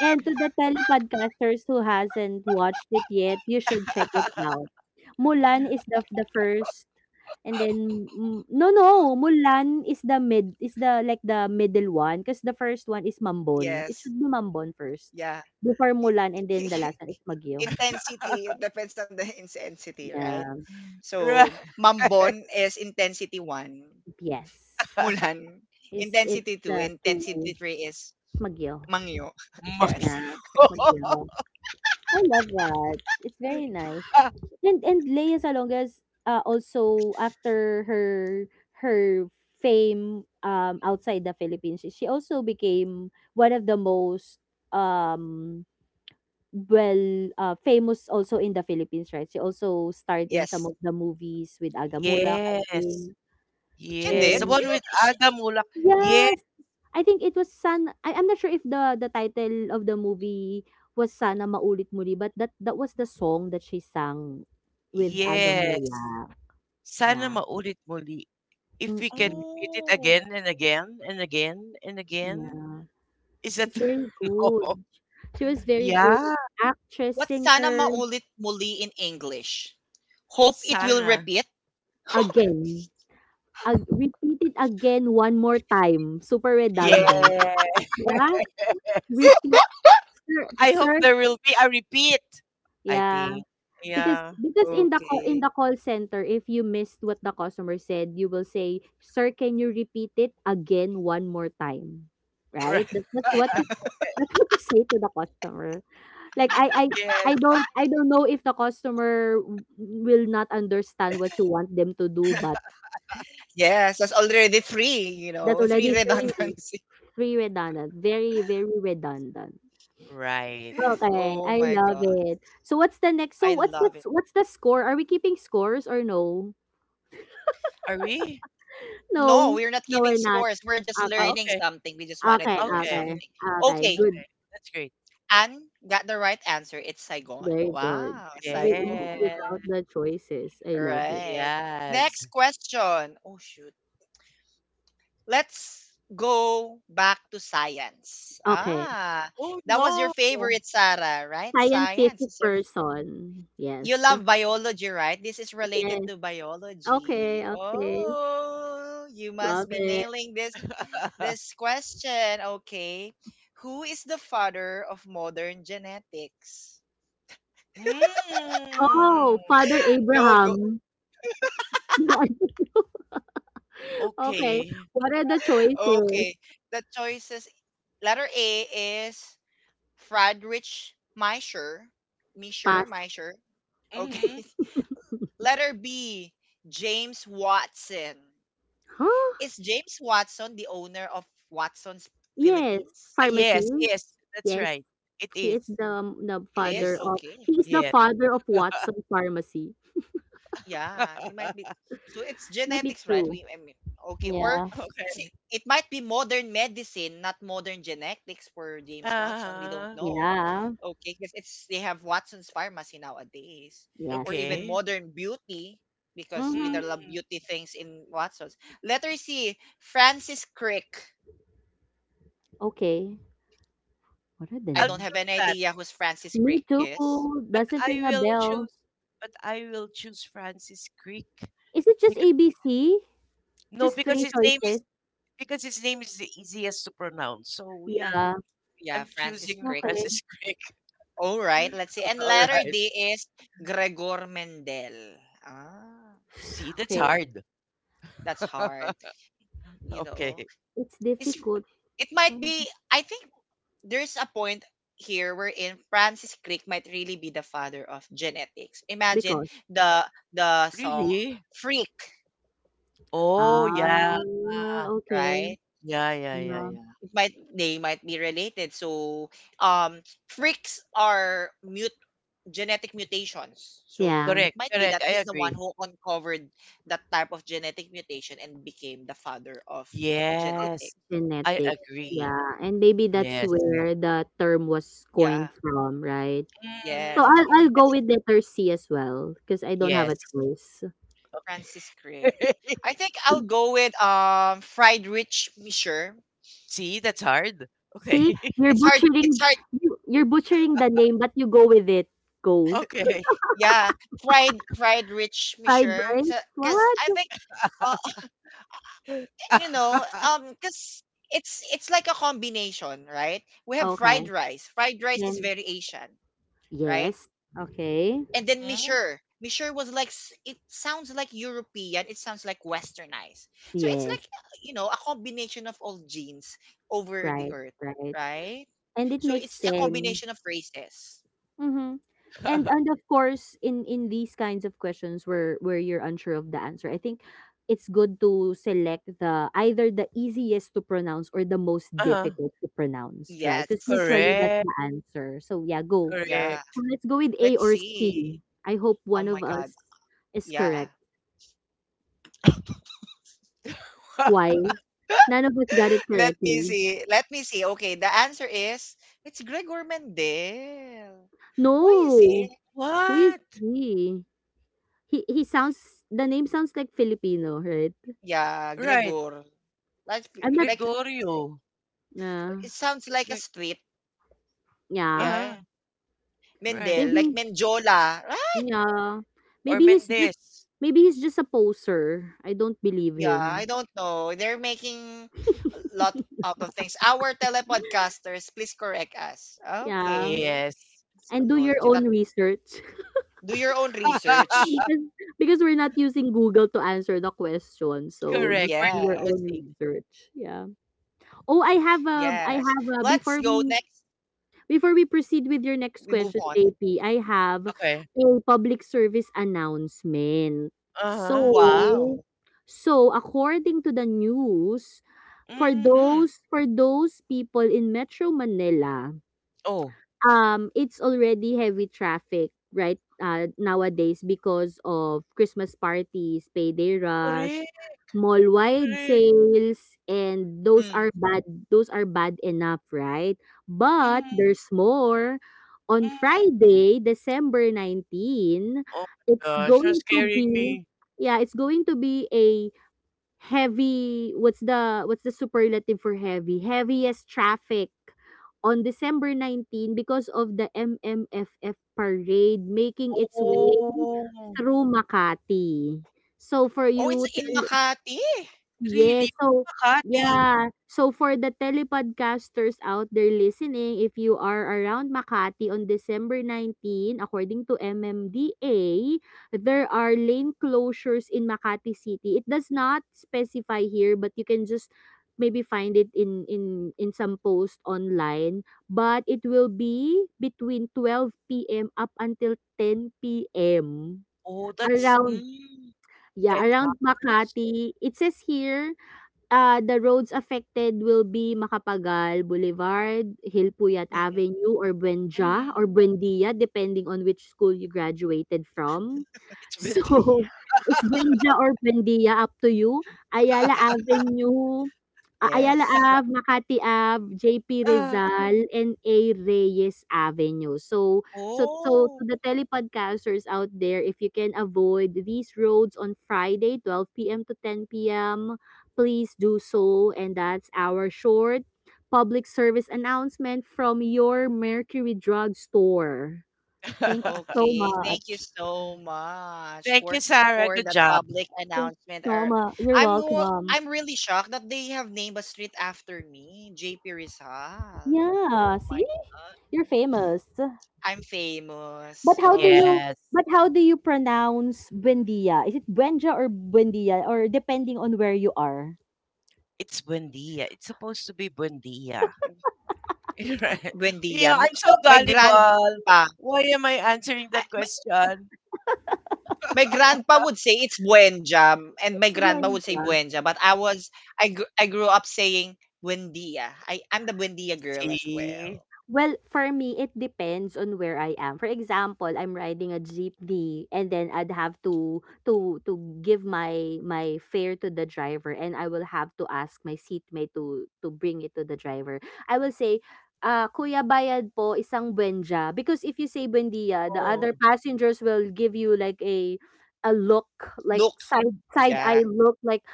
Speaker 3: And to the telepodcasters who hasn't watched it yet, you should check it out. Mulan is the first and then m no, no, Mulan is the like the middle one 'cause the first one is Mambon. It should be
Speaker 1: Yes.
Speaker 3: Mambon first
Speaker 1: Yeah.
Speaker 3: before Mulan and then the last one is Magyo.
Speaker 1: intensity It depends on the intensity, right?
Speaker 3: Yeah.
Speaker 2: Right.
Speaker 1: So, Mambon is intensity 1.
Speaker 3: Yes.
Speaker 1: Mulan,
Speaker 3: It's
Speaker 1: intensity 2.
Speaker 3: the two
Speaker 1: Intensity 3 is
Speaker 3: Magyo.
Speaker 1: Mangyo.
Speaker 2: Mag-
Speaker 1: yes.
Speaker 3: Yeah, Magyo. I love that. It's very nice. And Leia Salongas also after her fame outside the Philippines, she also became one of the most um famous also in the Philippines, right? She also starred in some of
Speaker 1: Yes.
Speaker 3: the movies with Agamula, I
Speaker 2: Yes,
Speaker 3: think.
Speaker 1: She
Speaker 2: yes. The
Speaker 3: And
Speaker 1: did.
Speaker 2: one
Speaker 1: She
Speaker 2: with
Speaker 1: did. She,
Speaker 2: Aga Mulak. Yeah,
Speaker 3: yes, I think it was I'm not sure if the title of the movie was Sana Maulit Muli, but that that was the song that she sang with
Speaker 2: yes.
Speaker 3: Agamula.
Speaker 2: Sana
Speaker 3: Yeah.
Speaker 2: maulit muli. If we can
Speaker 3: Mm,
Speaker 2: repeat it
Speaker 1: oh.
Speaker 2: again and again and again and again.
Speaker 3: yeah.
Speaker 2: Is that
Speaker 3: She's very
Speaker 2: no?
Speaker 3: good. She was very good.
Speaker 2: Yeah.
Speaker 3: Actress,
Speaker 1: What sana
Speaker 3: singer,
Speaker 1: maulit muli in English? Hope it will
Speaker 2: Sana.
Speaker 1: repeat.
Speaker 3: again. Ag repeat it again one more time. Super
Speaker 2: Yes.
Speaker 3: redundant. Yeah? Repeat. Sir,
Speaker 2: I hope
Speaker 3: sir.
Speaker 2: there will be a repeat, I
Speaker 3: Yeah.
Speaker 2: think. Yeah.
Speaker 3: Because in the call
Speaker 1: Okay.
Speaker 3: in the call center, if you missed what the customer said, you will say, Sir, can you repeat it again one more time? Right?
Speaker 2: Right.
Speaker 3: That, that's what you say to the customer. Like I
Speaker 2: Yes.
Speaker 3: don't I don't know if the customer w will not understand what you want them to do, but
Speaker 1: Yes, that's already three, you know,
Speaker 3: that's
Speaker 1: three
Speaker 3: already three,
Speaker 1: redundancy.
Speaker 3: three redundant. Very, very redundant.
Speaker 2: Right.
Speaker 3: Okay,
Speaker 1: Oh
Speaker 3: I
Speaker 1: my
Speaker 3: love
Speaker 1: God.
Speaker 3: it. So what's the next?
Speaker 1: I
Speaker 3: So
Speaker 1: love it.
Speaker 3: what's the score? Are we keeping scores or no?
Speaker 2: Are we?
Speaker 1: No,
Speaker 3: No,
Speaker 1: we're not
Speaker 3: no,
Speaker 1: keeping
Speaker 3: we're not.
Speaker 1: scores. We're just
Speaker 3: Okay,
Speaker 2: Oh,
Speaker 1: learning
Speaker 2: okay.
Speaker 1: something. We just wanted
Speaker 3: okay,
Speaker 1: to learn
Speaker 3: okay,
Speaker 2: Okay.
Speaker 1: something.
Speaker 3: okay.
Speaker 1: Okay,
Speaker 3: Good,
Speaker 2: Okay. That's great.
Speaker 1: Anne got the right answer. It's Saigon.
Speaker 3: very good.
Speaker 1: Wow,
Speaker 3: With,
Speaker 1: Saigon.
Speaker 2: Yes.
Speaker 3: without the choices, I love it.
Speaker 1: Right. Next
Speaker 2: Yes.
Speaker 1: question. Oh shoot. Let's go back to science.
Speaker 3: Okay,
Speaker 1: Ah,
Speaker 2: Oh
Speaker 1: that was your
Speaker 2: no.
Speaker 1: favorite, Sarah, right?
Speaker 3: scientific person.
Speaker 1: You
Speaker 3: Yes.
Speaker 1: love biology, right? This is
Speaker 3: Yes.
Speaker 1: related to biology.
Speaker 3: Okay, okay.
Speaker 1: Oh, you
Speaker 3: Love
Speaker 1: must be
Speaker 3: it.
Speaker 1: nailing this question. Okay, who is the father of modern genetics?
Speaker 3: Oh,
Speaker 2: Mm.
Speaker 3: Father
Speaker 1: No go.
Speaker 3: Abraham. Okay.
Speaker 2: Okay.
Speaker 3: What are the choices?
Speaker 1: Okay, the choices. Letter A is Friedrich Miescher. Miescher,
Speaker 3: Pass.
Speaker 1: Miescher. Okay.
Speaker 2: Mm-hmm.
Speaker 1: Letter B, James Watson.
Speaker 3: Huh?
Speaker 1: Is James Watson the owner of Watson's
Speaker 3: Yes.
Speaker 1: Philippines?
Speaker 2: Ah, yes,
Speaker 3: Pharmacy.
Speaker 2: yes, that's
Speaker 3: Yes.
Speaker 2: right. It
Speaker 3: He is
Speaker 2: is.
Speaker 3: the
Speaker 1: It
Speaker 2: He
Speaker 1: is.
Speaker 3: father
Speaker 2: is.
Speaker 3: of
Speaker 1: Okay.
Speaker 3: he is the
Speaker 2: Yes.
Speaker 3: father of Watson Pharmacy.
Speaker 1: Yeah, he might be. So it's
Speaker 3: Might be
Speaker 1: genetics, right?
Speaker 3: true.
Speaker 1: We I mean, okay, or
Speaker 3: Yeah.
Speaker 1: see,
Speaker 2: Okay.
Speaker 1: it might be modern medicine, not modern genetics for James Watson. We don't
Speaker 2: Uh-huh.
Speaker 1: know.
Speaker 3: Yeah.
Speaker 1: Okay, because it's they have Watson's Pharmacy nowadays, or
Speaker 3: Yes.
Speaker 1: even
Speaker 2: Okay.
Speaker 1: modern beauty because we there
Speaker 3: Mm-hmm.
Speaker 1: love
Speaker 2: Mm,
Speaker 1: beauty things in Watson's. Letter C, Francis Crick.
Speaker 3: Okay. What are the
Speaker 1: I
Speaker 2: I'll
Speaker 1: don't
Speaker 3: names?
Speaker 1: have
Speaker 2: choose
Speaker 1: any
Speaker 2: that.
Speaker 1: idea who's Francis
Speaker 3: Me
Speaker 1: Crick is.
Speaker 3: too.
Speaker 2: But
Speaker 3: Doesn't
Speaker 2: I
Speaker 3: ring a
Speaker 2: will
Speaker 3: bell.
Speaker 2: choose Francis Creek
Speaker 3: Is it just
Speaker 2: because
Speaker 3: ABC?
Speaker 2: no,
Speaker 3: Just
Speaker 2: because
Speaker 3: three
Speaker 2: his name is
Speaker 3: choices?
Speaker 2: the easiest to pronounce. So yeah,
Speaker 3: Yeah.
Speaker 1: Yeah,
Speaker 2: I'm
Speaker 1: Francis
Speaker 2: choosing
Speaker 1: Crick.
Speaker 3: Okay.
Speaker 2: Francis Creek.
Speaker 1: All right, let's see. And
Speaker 2: All
Speaker 1: letter
Speaker 2: right.
Speaker 1: D is Gregor Mendel. Ah,
Speaker 2: See, that's
Speaker 3: Okay,
Speaker 2: hard.
Speaker 1: that's hard. You know,
Speaker 2: Okay.
Speaker 3: it's
Speaker 1: it's
Speaker 3: difficult
Speaker 1: it might
Speaker 3: for
Speaker 1: be. I think there's a point here wherein Francis Crick might really be the father of genetics. Imagine
Speaker 3: because
Speaker 1: the the song
Speaker 2: Really?
Speaker 1: "Freak,"
Speaker 2: Oh yeah.
Speaker 3: ah okay,
Speaker 1: right?
Speaker 2: Yeah, yeah, yeah,
Speaker 3: yeah,
Speaker 2: yeah.
Speaker 1: It might They might be related. So, um, freaks are mute, genetic mutations. So
Speaker 3: yeah,
Speaker 1: it
Speaker 2: Correct,
Speaker 1: might be that
Speaker 2: correct. I
Speaker 1: he's the one
Speaker 2: agree.
Speaker 1: who uncovered that type of genetic mutation and became the father of
Speaker 2: Yes.
Speaker 1: genetics.
Speaker 2: I
Speaker 3: genetic,
Speaker 2: agree.
Speaker 3: yeah, and maybe that's
Speaker 2: Yes.
Speaker 3: where the term was
Speaker 1: Yeah,
Speaker 3: coined from, right? So
Speaker 1: yes.
Speaker 3: I'll
Speaker 2: Mhm.
Speaker 3: I'll
Speaker 1: I
Speaker 3: go
Speaker 1: think
Speaker 3: with letter C as well because I don't have a
Speaker 2: Yes.
Speaker 3: choice.
Speaker 1: Francis Crick. I think I'll go with fried rich Misher.
Speaker 2: See, that's hard.
Speaker 3: See,
Speaker 2: Okay.
Speaker 3: you're
Speaker 1: It's hard. It's
Speaker 3: butchering.
Speaker 1: hard.
Speaker 3: You're butchering the name, but you go with it. Go.
Speaker 2: Okay.
Speaker 1: Yeah, fried rich
Speaker 3: Fried
Speaker 1: Misher. So,
Speaker 3: rice
Speaker 1: cause I
Speaker 3: what?
Speaker 1: think, uh, cause it's like a combination, right? We have
Speaker 3: Okay.
Speaker 1: fried rice. Fried rice is
Speaker 3: And
Speaker 1: very Asian, right?
Speaker 3: yes. Okay.
Speaker 1: And then
Speaker 2: Mhm.
Speaker 1: Monsieur was like it sounds like European, it sounds like westernized. So it's like
Speaker 3: Yes.
Speaker 1: you know, a combination of all genes over the
Speaker 3: Right,
Speaker 1: earth,
Speaker 3: right.
Speaker 1: right?
Speaker 3: And it
Speaker 1: So
Speaker 3: makes
Speaker 1: it's a
Speaker 3: sense.
Speaker 1: combination of races.
Speaker 3: Mm-hmm. And of course, in these kinds of questions where you're unsure of the answer, I think it's good to select the either the easiest to pronounce or the most difficult to pronounce, right? Because
Speaker 1: Yes.
Speaker 3: usually that's
Speaker 2: Correct.
Speaker 3: the answer. So yeah, go.
Speaker 1: Yeah.
Speaker 3: So
Speaker 2: Correct.
Speaker 3: let's go with A
Speaker 1: Let's
Speaker 3: or C.
Speaker 1: see.
Speaker 3: I hope
Speaker 1: Oh
Speaker 3: one
Speaker 1: my
Speaker 3: of
Speaker 1: god.
Speaker 3: us is
Speaker 1: Yeah.
Speaker 3: correct. Why? None of us got it
Speaker 1: Let me
Speaker 3: correctly.
Speaker 1: see. Let me see. Okay, the answer is it's Gregor Mendel. Why is he?
Speaker 3: No. Who is
Speaker 2: What?
Speaker 3: he? He sounds the name sounds like Filipino, right?
Speaker 1: Yeah,
Speaker 2: Right.
Speaker 1: Gregor. Like,
Speaker 3: I'm not.
Speaker 1: like
Speaker 2: Gregorio.
Speaker 1: it
Speaker 3: Yeah.
Speaker 1: sounds
Speaker 2: It's
Speaker 1: like a
Speaker 2: like,
Speaker 1: street
Speaker 3: Yeah.
Speaker 2: ah,
Speaker 1: Yeah.
Speaker 2: right.
Speaker 1: Mendel, like
Speaker 3: Maybe,
Speaker 1: Menjola, right?
Speaker 3: yeah.
Speaker 2: Or
Speaker 3: Maybe he's just,
Speaker 2: Mendez.
Speaker 3: a poser. I don't believe
Speaker 1: Yeah,
Speaker 3: him.
Speaker 1: I don't know. They're making a lot out of things. Our telepodcasters, please correct us.
Speaker 3: Yeah.
Speaker 1: Okay.
Speaker 2: Yes.
Speaker 3: And do your
Speaker 1: Biology.
Speaker 3: own
Speaker 1: That
Speaker 3: research.
Speaker 1: Do your own research.
Speaker 3: because, because we're not using Google to answer the question. So
Speaker 2: Correct.
Speaker 3: just do your
Speaker 2: We're just
Speaker 3: own
Speaker 1: Yes.
Speaker 2: guessing.
Speaker 3: research. Yeah. Oh, I have
Speaker 1: Yes.
Speaker 3: a I have
Speaker 1: Let's
Speaker 3: a
Speaker 1: go next.
Speaker 3: Before we proceed with your
Speaker 1: We move
Speaker 3: next
Speaker 1: on.
Speaker 3: question, JP, I have
Speaker 2: Okay.
Speaker 3: a public service announcement.
Speaker 2: Uh huh.
Speaker 1: Wow.
Speaker 3: So, so, according to the news, for
Speaker 2: Mm.
Speaker 1: Mm,
Speaker 3: those for those people in Metro Manila,
Speaker 2: Oh.
Speaker 3: it's already heavy traffic, right, nowadays, because of Christmas parties, payday
Speaker 2: Correct.
Speaker 3: rush, mall wide
Speaker 2: Correct.
Speaker 3: sales, and
Speaker 1: mm.
Speaker 3: Those are bad enough, right? But
Speaker 2: Mm.
Speaker 3: there's more. On
Speaker 2: Mm.
Speaker 3: Friday, December 19,
Speaker 2: Oh my
Speaker 3: it's
Speaker 2: gosh, you're
Speaker 3: going to be,
Speaker 2: scaring me.
Speaker 3: yeah, it's going to be a heavy what's the superlative for heavy? Heaviest traffic on December 19 because of the MMFF parade making its way
Speaker 2: Oh,
Speaker 3: through Makati. So for
Speaker 1: Oh, it's
Speaker 3: you
Speaker 1: in Makati.
Speaker 2: really?
Speaker 3: Yes, so,
Speaker 2: Makati.
Speaker 3: yeah. So for the telepodcasters out there listening, if you are around Makati on December 19, according to MMDA, there are lane closures in Makati City. It does not specify here, but you can just maybe find it in some post online, but it will be between 12 p.m. up until 10 p.m.,
Speaker 2: Oh, that's
Speaker 3: around
Speaker 1: Mm,
Speaker 3: yeah
Speaker 2: 10
Speaker 3: around
Speaker 2: hours?
Speaker 3: Makati, it says here. The roads affected will be Makapagal Boulevard, Hilpuyat
Speaker 1: mm.
Speaker 3: Avenue, or Buendia, or
Speaker 2: Hmm.
Speaker 3: Buendia, depending on which school you graduated from.
Speaker 2: It's
Speaker 3: So,
Speaker 2: windy.
Speaker 3: it's Buendia or Buendia, up to you. Ayala Avenue Ayala
Speaker 1: Yes.
Speaker 3: Ave, Makati Ave, JP
Speaker 2: Ah.
Speaker 3: Rizal, and A. Reyes Avenue. So, to
Speaker 1: Oh.
Speaker 3: the telepodcasters out there, if you can avoid these roads on Friday, 12 p.m. to 10 p.m., please do so. And that's our short public service announcement from your Mercury Drug Store. Thank you so
Speaker 1: Okay, thank you
Speaker 3: much.
Speaker 1: so much
Speaker 2: Thank
Speaker 1: for
Speaker 2: you, Sarah.
Speaker 1: for
Speaker 2: Good
Speaker 1: that
Speaker 2: job.
Speaker 1: public
Speaker 3: Thank
Speaker 1: announcement.
Speaker 3: you so much. You're
Speaker 1: I'm mo-
Speaker 3: welcome.
Speaker 1: I'm really shocked that they have named a street after me, JP Rizal.
Speaker 3: Yeah,
Speaker 1: Oh my
Speaker 3: see?
Speaker 1: God.
Speaker 3: You're famous.
Speaker 1: I'm famous.
Speaker 3: But how do
Speaker 1: Oh shit.
Speaker 3: you
Speaker 2: Yes,
Speaker 3: but how do you pronounce Buendia? Is it Buendia or Buendia or depending on where you are?
Speaker 2: it's Buendia. It's supposed to be Buendia. Right.
Speaker 1: Buendia.
Speaker 2: Yeah, I'm so
Speaker 1: My
Speaker 2: gullible.
Speaker 1: grandpa.
Speaker 2: Why am I answering
Speaker 1: I-
Speaker 2: that
Speaker 1: My
Speaker 2: question?
Speaker 1: my grandpa would say it's Buenja and my
Speaker 3: It's
Speaker 1: grandma would
Speaker 3: brand.
Speaker 1: say Buenja, but I grew up saying Buendia. I'm the Buendia girl as well.
Speaker 2: See?
Speaker 3: Well, for me, it depends on where I am. For example, I'm riding a jeepney, and then I'd have to give my fare to the driver, and I will have to ask my seatmate to bring it to the driver. I will say, "Kuya, bayad po isang buendia." Because if you say buendia, the
Speaker 2: Oh.
Speaker 3: other passengers will give you like a look, like
Speaker 1: Look,
Speaker 3: side
Speaker 1: yeah.
Speaker 3: eye look, like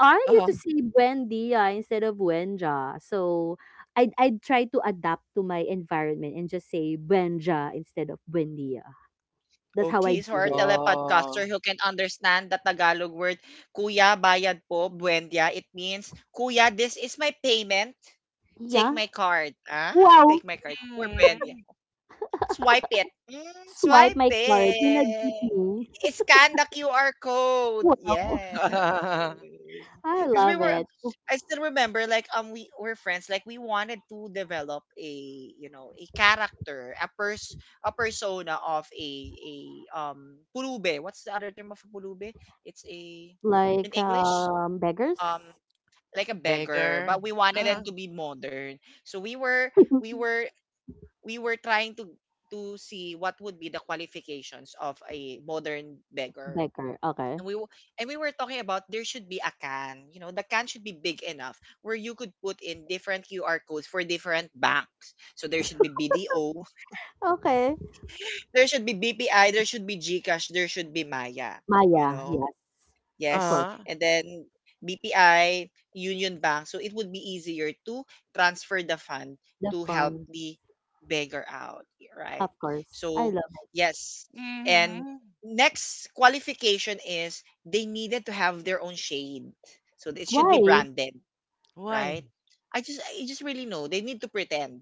Speaker 3: are you to
Speaker 2: Oh.
Speaker 3: say buen dia instead of buenja? So I'd try to adapt to my environment and just say buenja instead of buen dia. That's how I
Speaker 1: Okay, so
Speaker 3: do
Speaker 1: our
Speaker 3: it.
Speaker 1: telepodcaster
Speaker 2: Oh.
Speaker 1: who can understand the Tagalog word, Kuya, bayad po, buendia, it means, Kuya, this is my payment. Take
Speaker 3: Yeah.
Speaker 1: my card. Ah,
Speaker 3: Wow.
Speaker 1: take my card. For buendia.
Speaker 2: Mhm.
Speaker 1: Swipe it.
Speaker 3: Swipe
Speaker 1: Swipe
Speaker 3: my card in a
Speaker 1: it.
Speaker 3: jeepney.
Speaker 1: Scan the QR code.
Speaker 3: Wow.
Speaker 1: Yeah.
Speaker 3: I
Speaker 1: Because we
Speaker 3: love
Speaker 1: were,
Speaker 3: it.
Speaker 1: I still remember, like, we were friends. Like, we wanted to develop a character, a persona of a pulube. What's the other term of a pulube? It's a, in
Speaker 3: Like,
Speaker 1: English, um,
Speaker 3: beggars?
Speaker 1: like a beggar.
Speaker 2: Beggar.
Speaker 1: But we wanted them
Speaker 2: Ah.
Speaker 1: to be modern. So we were, we were trying to see what would be the qualifications of a modern beggar
Speaker 3: Beggar. Okay.
Speaker 1: and we w- and we were talking about there should be a can. The can should be big enough where you could put in different QR codes for different banks. So there should be BDO,
Speaker 3: Okay.
Speaker 1: there should be BPI, there should be GCash, there should be Maya, you
Speaker 3: Maya.
Speaker 1: know.
Speaker 3: Yes. Of
Speaker 1: Yes.
Speaker 3: course.
Speaker 2: uh
Speaker 1: And then BPI, Union Bank. So it would be easier to transfer the fund
Speaker 3: The
Speaker 1: to help
Speaker 3: fun.
Speaker 1: the beggar out, right?
Speaker 3: Of course. I
Speaker 1: So,
Speaker 3: love it.
Speaker 1: yes. And
Speaker 2: Mm-hmm.
Speaker 1: next qualification is they needed to have their own shade. So it should be
Speaker 3: Why?
Speaker 1: branded, right?
Speaker 2: Why?
Speaker 1: I just really know they need to pretend,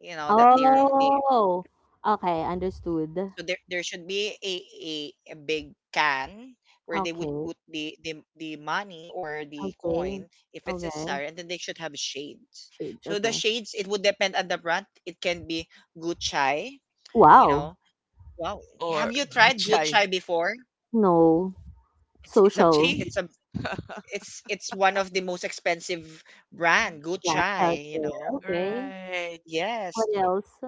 Speaker 1: you know, that they're
Speaker 2: Mm-hmm.
Speaker 1: they
Speaker 3: Oh. Okay. Understood.
Speaker 1: so there should be a big can where they would
Speaker 3: Okay.
Speaker 1: put the money or the
Speaker 3: Okay.
Speaker 1: coin if it's
Speaker 3: Okay.
Speaker 1: necessary, and then they should have shades.
Speaker 3: Shades.
Speaker 1: So the
Speaker 3: Okay.
Speaker 1: shades it would depend on the brand. It can be Gucci, you
Speaker 3: Wow.
Speaker 1: know. Wow, have
Speaker 2: Or
Speaker 1: you tried
Speaker 2: Gucci?
Speaker 1: Gucci before?
Speaker 3: No,
Speaker 1: It's it's a
Speaker 3: social
Speaker 1: it's
Speaker 2: Gucci?
Speaker 1: it's a it's one of the most expensive brand,
Speaker 3: brands out
Speaker 1: Gucci, you
Speaker 3: there.
Speaker 1: know.
Speaker 3: Okay.
Speaker 2: Right.
Speaker 1: Yes,
Speaker 3: What else?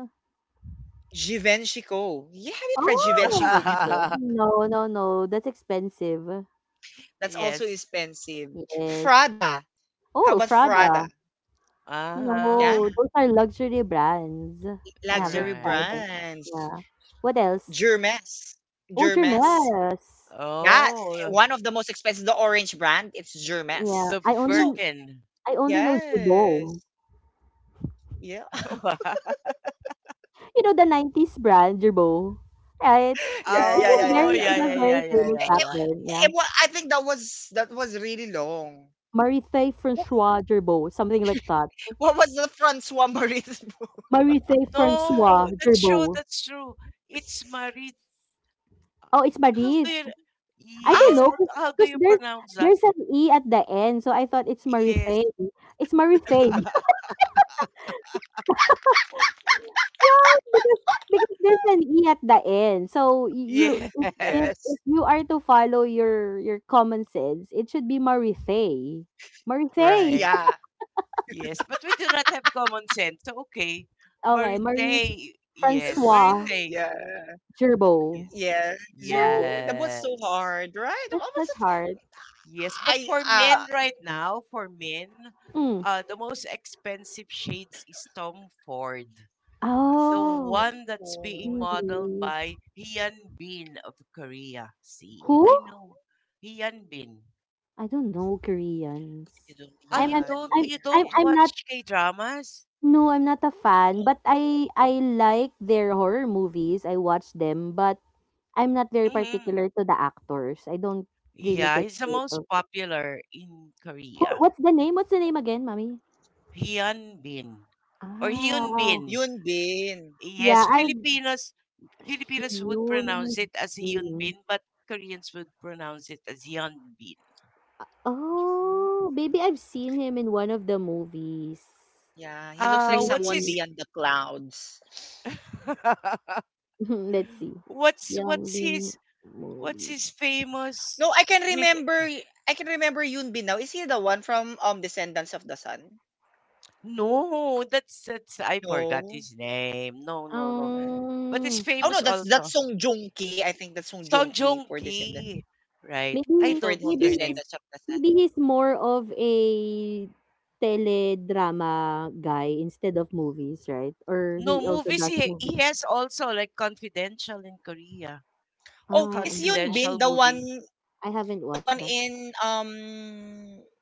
Speaker 1: Givenchy Co. Yeah, have you tried Givenchy
Speaker 3: Oh,
Speaker 1: Co. before?
Speaker 3: no, no, no. That's expensive.
Speaker 1: That's also
Speaker 2: Yes.
Speaker 1: expensive.
Speaker 3: Yes.
Speaker 1: Frada. How
Speaker 3: Oh,
Speaker 1: about
Speaker 3: Prada.
Speaker 1: Prada? Yeah,
Speaker 2: Uh-huh.
Speaker 3: No, those are luxury brands. I haven't
Speaker 1: luxury
Speaker 2: Right.
Speaker 3: tried them.
Speaker 1: brands.
Speaker 3: Yeah. What else?
Speaker 1: Hermes.
Speaker 3: Oh,
Speaker 1: Hermes.
Speaker 3: Hermes.
Speaker 1: Yeah,
Speaker 2: Oh,
Speaker 1: one of the most expensive, the orange brand, it's
Speaker 3: Yeah.
Speaker 1: Hermes.
Speaker 2: the
Speaker 1: So,
Speaker 2: Birkin.
Speaker 3: I only know
Speaker 1: yes.
Speaker 3: Jabot.
Speaker 1: Yeah.
Speaker 2: What?
Speaker 3: You know the 90s brand, Jerbo, right? It it
Speaker 1: Yeah, yeah,
Speaker 3: was
Speaker 1: yeah,
Speaker 2: Oh,
Speaker 3: very
Speaker 1: yeah,
Speaker 3: it
Speaker 1: yeah.
Speaker 2: yeah, yeah,
Speaker 3: was
Speaker 2: yeah,
Speaker 3: very
Speaker 2: yeah,
Speaker 1: It,
Speaker 3: famous
Speaker 1: it,
Speaker 2: yeah,
Speaker 3: back
Speaker 2: yeah.
Speaker 3: then, yeah.
Speaker 1: I think that was really long.
Speaker 3: Marie-Thé
Speaker 1: Wha-
Speaker 3: Francois Gerbeau, something like that.
Speaker 1: What was the Francois Maurice book?
Speaker 3: Marie-Thé Francois
Speaker 2: No, that's true,
Speaker 3: Gerbeau.
Speaker 2: that's true. It's Marie.
Speaker 3: Oh, it's
Speaker 2: How do
Speaker 3: Marie.
Speaker 2: you,
Speaker 3: I don't
Speaker 2: yes,
Speaker 1: Ah,
Speaker 2: how,
Speaker 3: know,
Speaker 2: how do
Speaker 3: because
Speaker 2: you
Speaker 3: there's
Speaker 2: pronounce that?
Speaker 3: there's an E at the end, so I thought it's
Speaker 2: Yes.
Speaker 3: Marie-Thé. It's Marie-Thé. Yeah, because there's an E at the end. So you
Speaker 2: Yes.
Speaker 1: yes.
Speaker 3: if you are to follow your common sense, it should be Marie-Thé. Marie-Thé.
Speaker 2: Right.
Speaker 1: Yeah.
Speaker 2: Yes, but we do not have common sense. So okay,
Speaker 3: Okay,
Speaker 2: Marite,
Speaker 3: Marie
Speaker 2: yes,
Speaker 3: Francois
Speaker 2: Marite,
Speaker 1: Yeah.
Speaker 2: yes,
Speaker 3: Gerbeau.
Speaker 1: Yeah,
Speaker 3: Right?
Speaker 1: zero. That was so
Speaker 2: yes,
Speaker 1: hard, right?
Speaker 3: That's
Speaker 1: What was
Speaker 3: not
Speaker 1: it?
Speaker 3: hard.
Speaker 2: yes. But
Speaker 1: I
Speaker 2: for men right now, for men,
Speaker 3: Mm.
Speaker 2: the most expensive shades is Tom Ford, the
Speaker 3: Oh,
Speaker 2: one that's being
Speaker 1: Tumpon,
Speaker 2: modeled
Speaker 3: really?
Speaker 2: by Hyun Bin of Korea. See,
Speaker 3: Who?
Speaker 2: I know Hyun Bin.
Speaker 3: I don't know Koreans.
Speaker 1: yun
Speaker 2: Oh,
Speaker 3: I'm
Speaker 2: you
Speaker 3: I'm
Speaker 1: yan,
Speaker 2: don't,
Speaker 1: oo,
Speaker 3: I'm
Speaker 2: you don't
Speaker 3: I'm not
Speaker 2: watch K dramas?
Speaker 3: No, I'm not a fan, but I like their horror movies. I watch them, but I'm not very
Speaker 2: Hmm.
Speaker 3: particular to the actors. I don't really
Speaker 2: Yeah,
Speaker 3: take
Speaker 2: he's the
Speaker 3: note
Speaker 2: most
Speaker 3: of it.
Speaker 2: popular in
Speaker 3: Who,
Speaker 2: Korea.
Speaker 3: what's the name? What's the name again, mommy?
Speaker 2: Hyun Bin or Hyun
Speaker 3: Ah,
Speaker 2: Bin.
Speaker 1: yun din.
Speaker 2: Yes,
Speaker 3: yeah, I've
Speaker 2: Filipinos would
Speaker 3: Hyun
Speaker 2: pronounce it as Hyun
Speaker 3: Bin.
Speaker 2: Bin, but Koreans would pronounce it as Hyun Bin.
Speaker 1: Hmm,
Speaker 3: Oh, maybe I've seen him in one of the movies.
Speaker 1: yeah, he looks like
Speaker 2: What's
Speaker 1: someone
Speaker 3: Maybe.
Speaker 2: his
Speaker 1: beyond the clouds.
Speaker 3: Let's see.
Speaker 2: what's
Speaker 3: Yan
Speaker 2: what's
Speaker 3: Bin
Speaker 2: his what's
Speaker 3: movies.
Speaker 2: his famous
Speaker 1: No, I can
Speaker 2: with,
Speaker 1: remember I can remember Yoon Bin now. Is he the one from Descendants of the Sun?
Speaker 2: no, that's that's I forgot
Speaker 1: No.
Speaker 2: his name. No, no, no. But he's
Speaker 3: Um,
Speaker 1: Oh
Speaker 2: famous
Speaker 1: no, that's
Speaker 2: also.
Speaker 1: Song Joong Ki. I think that's Song
Speaker 2: Song
Speaker 1: Joong Ki
Speaker 2: Joong
Speaker 1: for Descendants.
Speaker 2: Ki, right? I
Speaker 3: maybe
Speaker 1: For
Speaker 2: don't know
Speaker 1: the
Speaker 3: maybe
Speaker 2: their
Speaker 3: he's
Speaker 2: names.
Speaker 1: Descendants of the Sun.
Speaker 3: maybe he's more of a teledrama guy instead of movies, right? Or
Speaker 2: No,
Speaker 3: he also
Speaker 2: movies
Speaker 3: does
Speaker 2: he
Speaker 3: movies.
Speaker 2: has also like Confidential in Korea.
Speaker 3: Ah,
Speaker 2: The
Speaker 1: Oh,
Speaker 3: I
Speaker 1: is
Speaker 3: don't
Speaker 1: Yoon Bin
Speaker 2: Confidential
Speaker 1: the
Speaker 2: movie.
Speaker 1: one
Speaker 3: I haven't watched that.
Speaker 1: In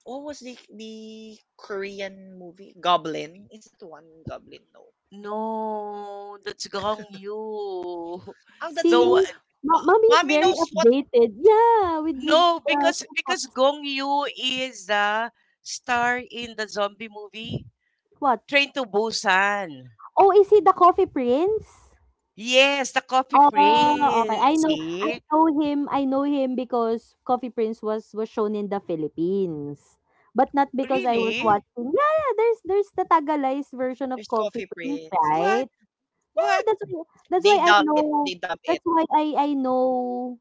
Speaker 1: what was the Korean movie? Goblin. Is that the one Goblin? No.
Speaker 2: No, that's Gong Yoo.
Speaker 1: Oh, that's
Speaker 2: The
Speaker 3: See,
Speaker 2: wa-
Speaker 1: go.
Speaker 3: Mommy is
Speaker 1: Mommy
Speaker 3: very
Speaker 1: knows what
Speaker 3: updated. Yeah, with
Speaker 2: no, because
Speaker 3: K-pop.
Speaker 2: because Gong Yoo is the star in the zombie movie
Speaker 3: What?
Speaker 2: Train to Busan.
Speaker 3: Oh, is he the Coffee Prince?
Speaker 2: Yes, the Coffee
Speaker 3: Oh, okay.
Speaker 2: Prince.
Speaker 3: I know I
Speaker 2: See?
Speaker 3: know him I know him because Coffee Prince was shown in the Philippines, but not because I was
Speaker 2: Really?
Speaker 3: watching. Yeah, yeah, there's the Tagalized version of
Speaker 1: there's Coffee
Speaker 3: Coffee Prince,
Speaker 1: Prince.
Speaker 2: What?
Speaker 3: right? Yeah,
Speaker 2: What?
Speaker 3: that's why that's
Speaker 1: They
Speaker 3: why I
Speaker 1: dub it.
Speaker 3: know,
Speaker 1: They dub it.
Speaker 3: that's why I know,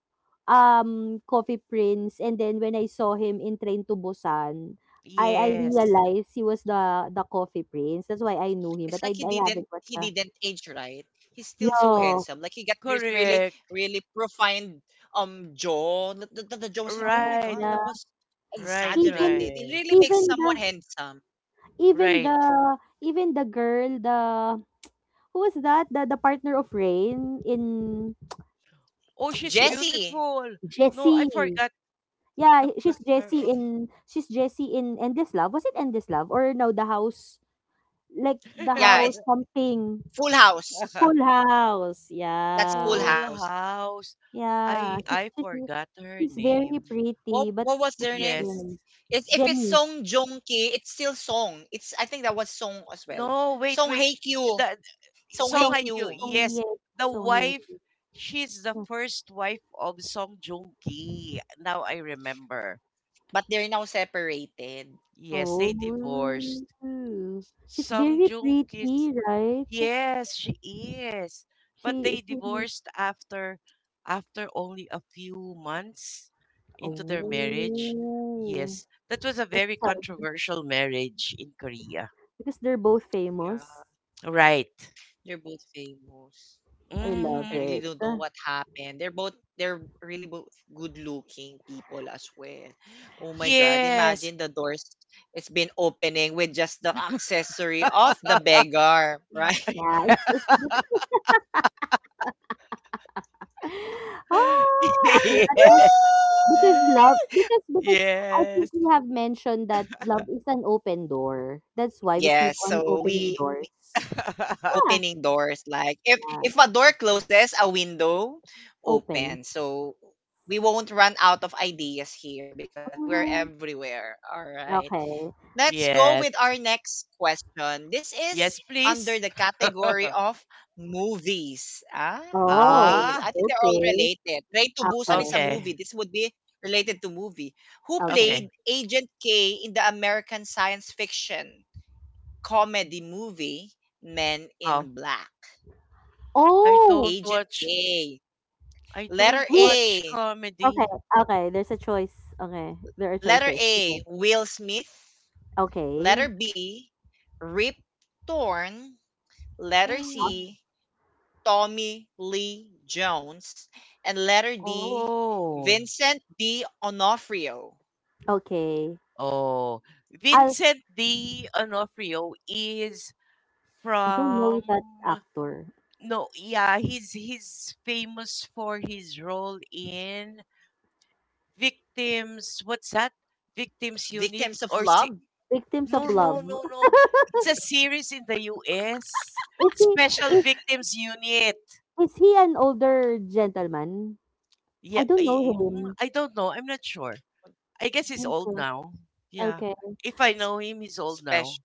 Speaker 3: Coffee Prince, and then when I saw him in Train to Busan, I
Speaker 2: Yes.
Speaker 3: realized he was the Coffee Prince. That's why I knew him,
Speaker 1: It's
Speaker 3: but I
Speaker 1: like he
Speaker 3: I
Speaker 1: didn't
Speaker 3: haven't watched
Speaker 1: he
Speaker 3: the
Speaker 1: didn't age right. He's still so
Speaker 3: Yeah.
Speaker 1: handsome. Like he got this really
Speaker 2: Correct.
Speaker 1: really profound jaw. The jaw was like, "Oh my
Speaker 2: Right.
Speaker 1: god,
Speaker 3: Yeah.
Speaker 1: that was
Speaker 2: Right.
Speaker 3: Even
Speaker 1: exaggerated." It
Speaker 2: Right.
Speaker 1: really makes
Speaker 3: even the
Speaker 1: someone handsome.
Speaker 3: Even
Speaker 2: Right.
Speaker 3: the even the girl, the who was that? The partner of Rain in,
Speaker 2: Oh, she's
Speaker 3: like,
Speaker 1: Jesse.
Speaker 2: beautiful. No, I
Speaker 3: Jessie.
Speaker 2: forgot the
Speaker 3: Yeah,
Speaker 2: partner of
Speaker 3: She's Jessie in Endless Love. Was it Endless Love or no? The house, like, the
Speaker 1: Yeah,
Speaker 3: house
Speaker 1: it's
Speaker 3: something,
Speaker 1: Full House.
Speaker 3: Full House.
Speaker 1: That's
Speaker 3: Yeah,
Speaker 1: Full
Speaker 2: Full
Speaker 1: House.
Speaker 2: House. I
Speaker 3: yeah.
Speaker 2: I forgot her
Speaker 3: She's very
Speaker 2: name.
Speaker 1: What
Speaker 3: pretty, but
Speaker 1: what was their
Speaker 3: she's
Speaker 1: name?
Speaker 2: Yes.
Speaker 3: Jenny.
Speaker 1: If it's
Speaker 3: Jenny.
Speaker 1: Song Joong Ki, it's still Song. It's I think that was Song as well.
Speaker 2: No, wait,
Speaker 1: Song
Speaker 2: wait.
Speaker 1: Hye Kyo,
Speaker 2: The
Speaker 1: Song
Speaker 2: song Song
Speaker 1: Hye
Speaker 3: Song,
Speaker 2: Haikyuu.
Speaker 1: Kyo,
Speaker 3: Song
Speaker 2: Yes,
Speaker 3: Hye,
Speaker 2: the
Speaker 3: Song Hye.
Speaker 2: wife. She's the first wife of Song Joong Ki. Now I remember.
Speaker 1: but they're now separated.
Speaker 2: Yes,
Speaker 3: Oh,
Speaker 2: they divorced.
Speaker 3: she's
Speaker 2: Song
Speaker 3: very
Speaker 2: Joong Ki's.
Speaker 3: pretty, right?
Speaker 2: Yes, she is. But they
Speaker 3: She
Speaker 2: divorced after only a few months into their marriage.
Speaker 3: Oh,
Speaker 2: Yes, that was a
Speaker 3: that's
Speaker 2: very
Speaker 3: sad
Speaker 2: controversial marriage in Korea.
Speaker 3: because they're both
Speaker 1: Yeah,
Speaker 3: famous.
Speaker 2: Right.
Speaker 1: they're both famous.
Speaker 3: I love
Speaker 1: I
Speaker 2: Hmm.
Speaker 1: really
Speaker 3: it.
Speaker 1: don't know what happened. They're really both good looking people as well. Oh my god,
Speaker 2: Yes.
Speaker 1: imagine the doors it's been opening with just the accessory of the beggar, right?
Speaker 3: Yeah, it's it a lot
Speaker 1: Woo!
Speaker 2: Yeah.
Speaker 3: of, because love, because I think
Speaker 2: Yes.
Speaker 3: we have mentioned that love is an open door. That's why we keep
Speaker 1: Yes,
Speaker 3: on
Speaker 1: so
Speaker 3: opening
Speaker 1: we
Speaker 3: doors. Yeah,
Speaker 1: opening doors like if
Speaker 3: yeah, it
Speaker 1: if a door closes, a window
Speaker 3: opens.
Speaker 1: open. So we won't run out of ideas here because we're
Speaker 3: Mhm.
Speaker 1: everywhere. All right.
Speaker 3: Okay.
Speaker 1: Let's go
Speaker 2: Yes.
Speaker 1: with our next question. This is
Speaker 2: Yes,
Speaker 1: under
Speaker 2: please.
Speaker 1: the category of movies. Ah,
Speaker 3: Oh,
Speaker 1: movies.
Speaker 2: ah,
Speaker 1: I think they're all
Speaker 3: okay.
Speaker 1: related. Train to Busan is
Speaker 3: Okay.
Speaker 1: a
Speaker 2: okay.
Speaker 1: movie. This would be related to movie. Who
Speaker 3: Okay.
Speaker 1: played
Speaker 2: Okay.
Speaker 1: Agent K in the American science fiction comedy movie Men
Speaker 2: Oh,
Speaker 1: in Black?
Speaker 2: I
Speaker 3: Oh!
Speaker 2: don't
Speaker 1: Agent
Speaker 2: watch.
Speaker 1: K.
Speaker 2: I
Speaker 1: Letter
Speaker 2: don't
Speaker 3: Ooh,
Speaker 2: watch
Speaker 1: A.
Speaker 3: okay,
Speaker 2: comedy.
Speaker 3: okay, there's a choice. Okay, there are
Speaker 1: Letter
Speaker 3: choices. Okay.
Speaker 1: A, Will Smith.
Speaker 3: Okay.
Speaker 1: Letter B, Rip Torn. Letter
Speaker 3: Huh?
Speaker 2: Mm.
Speaker 1: C, Tommy Lee Jones, and letter D,
Speaker 2: Oh.
Speaker 1: Vincent D. Onofrio.
Speaker 3: Okay.
Speaker 2: Oh,
Speaker 3: I
Speaker 2: Vincent D. Onofrio is
Speaker 3: I don't
Speaker 2: from
Speaker 3: know that actor.
Speaker 2: no, yeah, he's famous for his role in Victims. What's that? Victims Unit
Speaker 1: Victims of
Speaker 2: or
Speaker 1: Love,
Speaker 3: Victims of
Speaker 2: no, no,
Speaker 3: Love.
Speaker 2: no, no. It's a series in the U.S.
Speaker 3: Is he
Speaker 2: Special
Speaker 3: is
Speaker 2: Victims Unit.
Speaker 3: is he an older gentleman?
Speaker 2: Yeah,
Speaker 3: I
Speaker 2: I,
Speaker 3: don't know
Speaker 2: I mm,
Speaker 3: him.
Speaker 2: I don't know. I'm not sure. I guess he's old
Speaker 3: Okay.
Speaker 2: now. Yeah,
Speaker 3: Okay.
Speaker 2: if I know him, he's old now.
Speaker 1: special,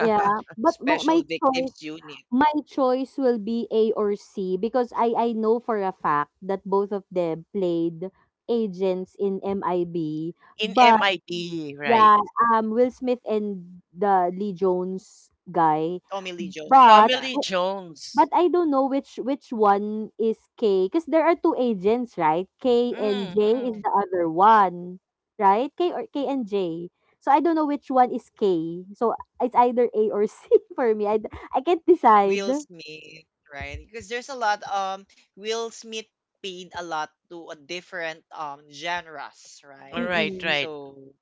Speaker 3: Yeah, but
Speaker 1: special victims unit.
Speaker 3: my choice will be A or C because I know for a fact that both of them played agents in MIB,
Speaker 2: In
Speaker 3: but,
Speaker 2: MIB, right?
Speaker 3: yeah, Will Smith and the Lee Jones guy.
Speaker 1: Tommy Lee Jones,
Speaker 3: But
Speaker 1: yeah.
Speaker 2: Tommy Jones.
Speaker 3: but I don't know which one is K because there are two agents, right? K and
Speaker 2: Mm,
Speaker 3: J is
Speaker 2: mm.
Speaker 3: the other one, right? K or K and J. So I don't know which one is K. So it's either A or C for me. I can't decide.
Speaker 1: Will Smith, right? Because there's a lot. Will Smith paid a lot to a different genres,
Speaker 2: All
Speaker 1: right?
Speaker 2: right,
Speaker 3: Mm-mm.
Speaker 2: right.
Speaker 1: So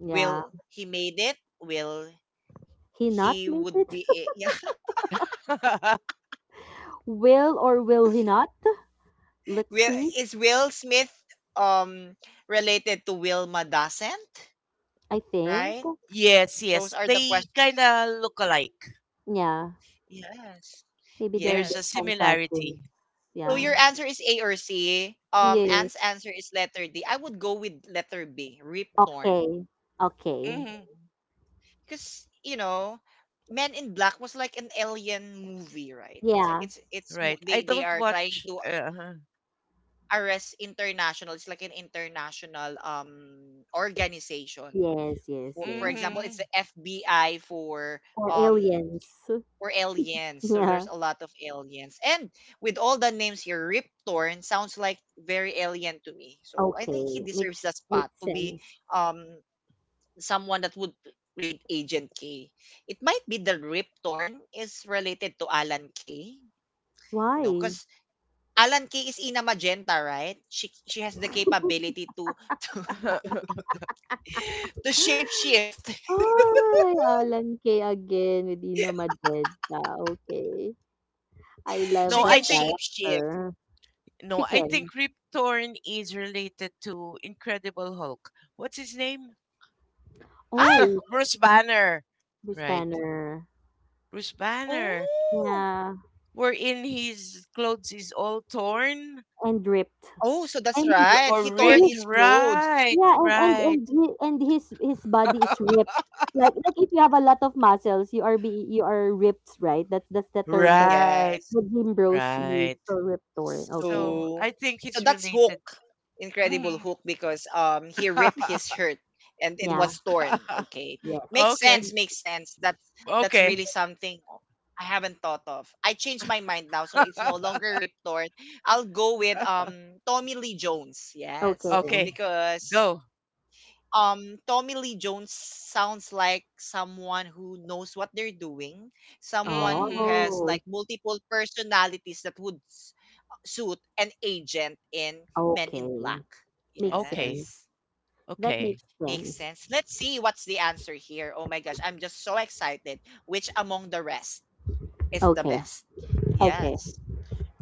Speaker 3: Yeah.
Speaker 1: will he made it? Will
Speaker 3: He not
Speaker 1: he
Speaker 3: make
Speaker 1: would
Speaker 3: it?
Speaker 1: be? Yeah,
Speaker 3: Will or will he not? Let's
Speaker 1: Will
Speaker 3: see.
Speaker 1: is Will Smith um related to Wilma Dasent?
Speaker 3: I think.
Speaker 1: Right?
Speaker 2: Yes,
Speaker 1: Those
Speaker 2: yes.
Speaker 1: are the
Speaker 2: They kind
Speaker 1: questions.
Speaker 2: of look alike.
Speaker 3: Yeah.
Speaker 1: Yes.
Speaker 3: Maybe they're
Speaker 2: There's a
Speaker 1: Yes.
Speaker 3: different cousins.
Speaker 2: similarity.
Speaker 1: So
Speaker 3: Yeah.
Speaker 1: your
Speaker 2: Mm,
Speaker 1: answer is A or C.
Speaker 3: Yes.
Speaker 1: Anne's answer is letter D. I would go with letter B, Rip Torn.
Speaker 3: Okay. Okay.
Speaker 2: hmm.
Speaker 1: Because Men in Black was like an alien movie, right?
Speaker 3: Yeah.
Speaker 1: It's mo-
Speaker 2: Right. I
Speaker 1: they
Speaker 2: don't
Speaker 1: are trying
Speaker 2: watch.
Speaker 1: to arrest international. It's like an international organization.
Speaker 3: Yes, yes,
Speaker 1: For
Speaker 3: yes.
Speaker 1: example, it's
Speaker 2: Hmm
Speaker 1: the FBI
Speaker 3: For
Speaker 1: um
Speaker 3: aliens.
Speaker 1: for aliens. So
Speaker 3: Yeah.
Speaker 1: there's a lot of aliens, and with all the names here, Rip Torn sounds like very alien to me, so I think he
Speaker 3: Okay.
Speaker 1: deserves
Speaker 3: Makes
Speaker 1: the spot
Speaker 3: makes
Speaker 1: to be
Speaker 3: sense.
Speaker 1: um someone that would played Agent K. It might be the Rip Torn is related to Alan K
Speaker 3: Why?
Speaker 1: because Alan K is Ina Magenta, right? She has the capability to shape shift.
Speaker 3: Ay, Alan Kay again with Ina Madreda. Okay. I love
Speaker 1: She
Speaker 2: no,
Speaker 3: that
Speaker 2: I
Speaker 1: can
Speaker 2: think
Speaker 1: shape shift.
Speaker 3: character.
Speaker 2: no, I
Speaker 3: Chicken.
Speaker 2: think Rip Torn is related to Incredible Hulk. What's his name?
Speaker 1: Ah!
Speaker 3: Oh,
Speaker 2: Bruce Banner.
Speaker 3: Bruce
Speaker 2: Right.
Speaker 3: Banner.
Speaker 2: Bruce Banner.
Speaker 1: Oh!
Speaker 3: Yeah.
Speaker 2: Wherein his clothes is all torn
Speaker 3: And ripped.
Speaker 1: Oh, so that's
Speaker 3: And his,
Speaker 1: right.
Speaker 2: Or
Speaker 1: He
Speaker 3: and
Speaker 1: torn
Speaker 3: his
Speaker 2: ripped.
Speaker 1: his clothes.
Speaker 2: Right,
Speaker 3: Yeah, and
Speaker 2: right,
Speaker 3: he, and his body is ripped. Like if you have a lot of muscles, you are ripped, right? That's the term that
Speaker 2: right,
Speaker 1: Yes.
Speaker 3: the gym bros use.
Speaker 2: right.
Speaker 3: So ripped torn. Okay.
Speaker 2: So
Speaker 1: So
Speaker 2: I think
Speaker 1: so
Speaker 2: it's
Speaker 1: that's
Speaker 2: related.
Speaker 1: Hook. Incredible
Speaker 2: Mhm.
Speaker 1: Hook because he ripped his shirt and it
Speaker 3: Yeah.
Speaker 1: was torn. Okay. Makes
Speaker 3: Yes.
Speaker 2: Okay,
Speaker 1: sense, makes sense. That's
Speaker 2: okay,
Speaker 1: really something I haven't thought of. I changed my mind now, so it's no longer Rip Torn. I'll go with Tommy Lee Jones. Yes.
Speaker 3: Okay.
Speaker 2: okay.
Speaker 1: Because
Speaker 2: Go.
Speaker 1: Tommy Lee Jones sounds like someone who knows what they're doing, someone who
Speaker 2: Hmm.
Speaker 1: has like
Speaker 3: Oh.
Speaker 1: multiple personalities that would suit an agent in Men in
Speaker 3: Okay.
Speaker 1: Black.
Speaker 3: Makes
Speaker 2: Okay,
Speaker 3: sense.
Speaker 1: Yes.
Speaker 3: That
Speaker 2: okay.
Speaker 3: makes
Speaker 1: Makes
Speaker 3: sense.
Speaker 1: sense. Let's see what's the answer here. Oh my gosh, I'm just so excited. Which among the rest is the
Speaker 3: Okay.
Speaker 1: best?
Speaker 3: Okay.
Speaker 1: Yes.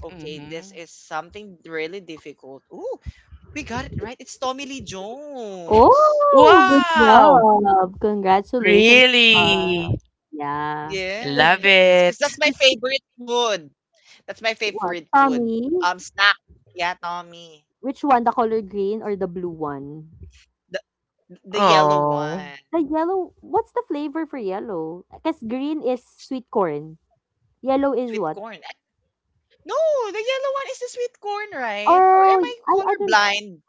Speaker 1: Okay, this
Speaker 2: Hmm.
Speaker 1: is something really difficult. Ooh, we got it right. It's Tommy Lee Jones.
Speaker 3: Oh, good
Speaker 2: Wow,
Speaker 3: job. Congratulations. Uh,
Speaker 2: really?
Speaker 3: yeah.
Speaker 2: I
Speaker 3: This,
Speaker 2: love
Speaker 1: Yes, because
Speaker 2: it.
Speaker 1: that's my
Speaker 3: this
Speaker 1: favorite food. That's my
Speaker 3: what?
Speaker 1: favorite food.
Speaker 3: Tommy,
Speaker 1: Snack. Yeah, Tommy.
Speaker 3: which one? The color green or the blue one?
Speaker 1: The the yellow
Speaker 2: Oh,
Speaker 1: one,
Speaker 3: The yellow, what's the flavor for yellow? Because green is sweet corn. Yellow
Speaker 1: sweet
Speaker 3: is what?
Speaker 1: corn. No, the yellow one is the sweet corn, right? Or am
Speaker 3: Oh,
Speaker 1: I
Speaker 3: I, I don't
Speaker 1: colorblind?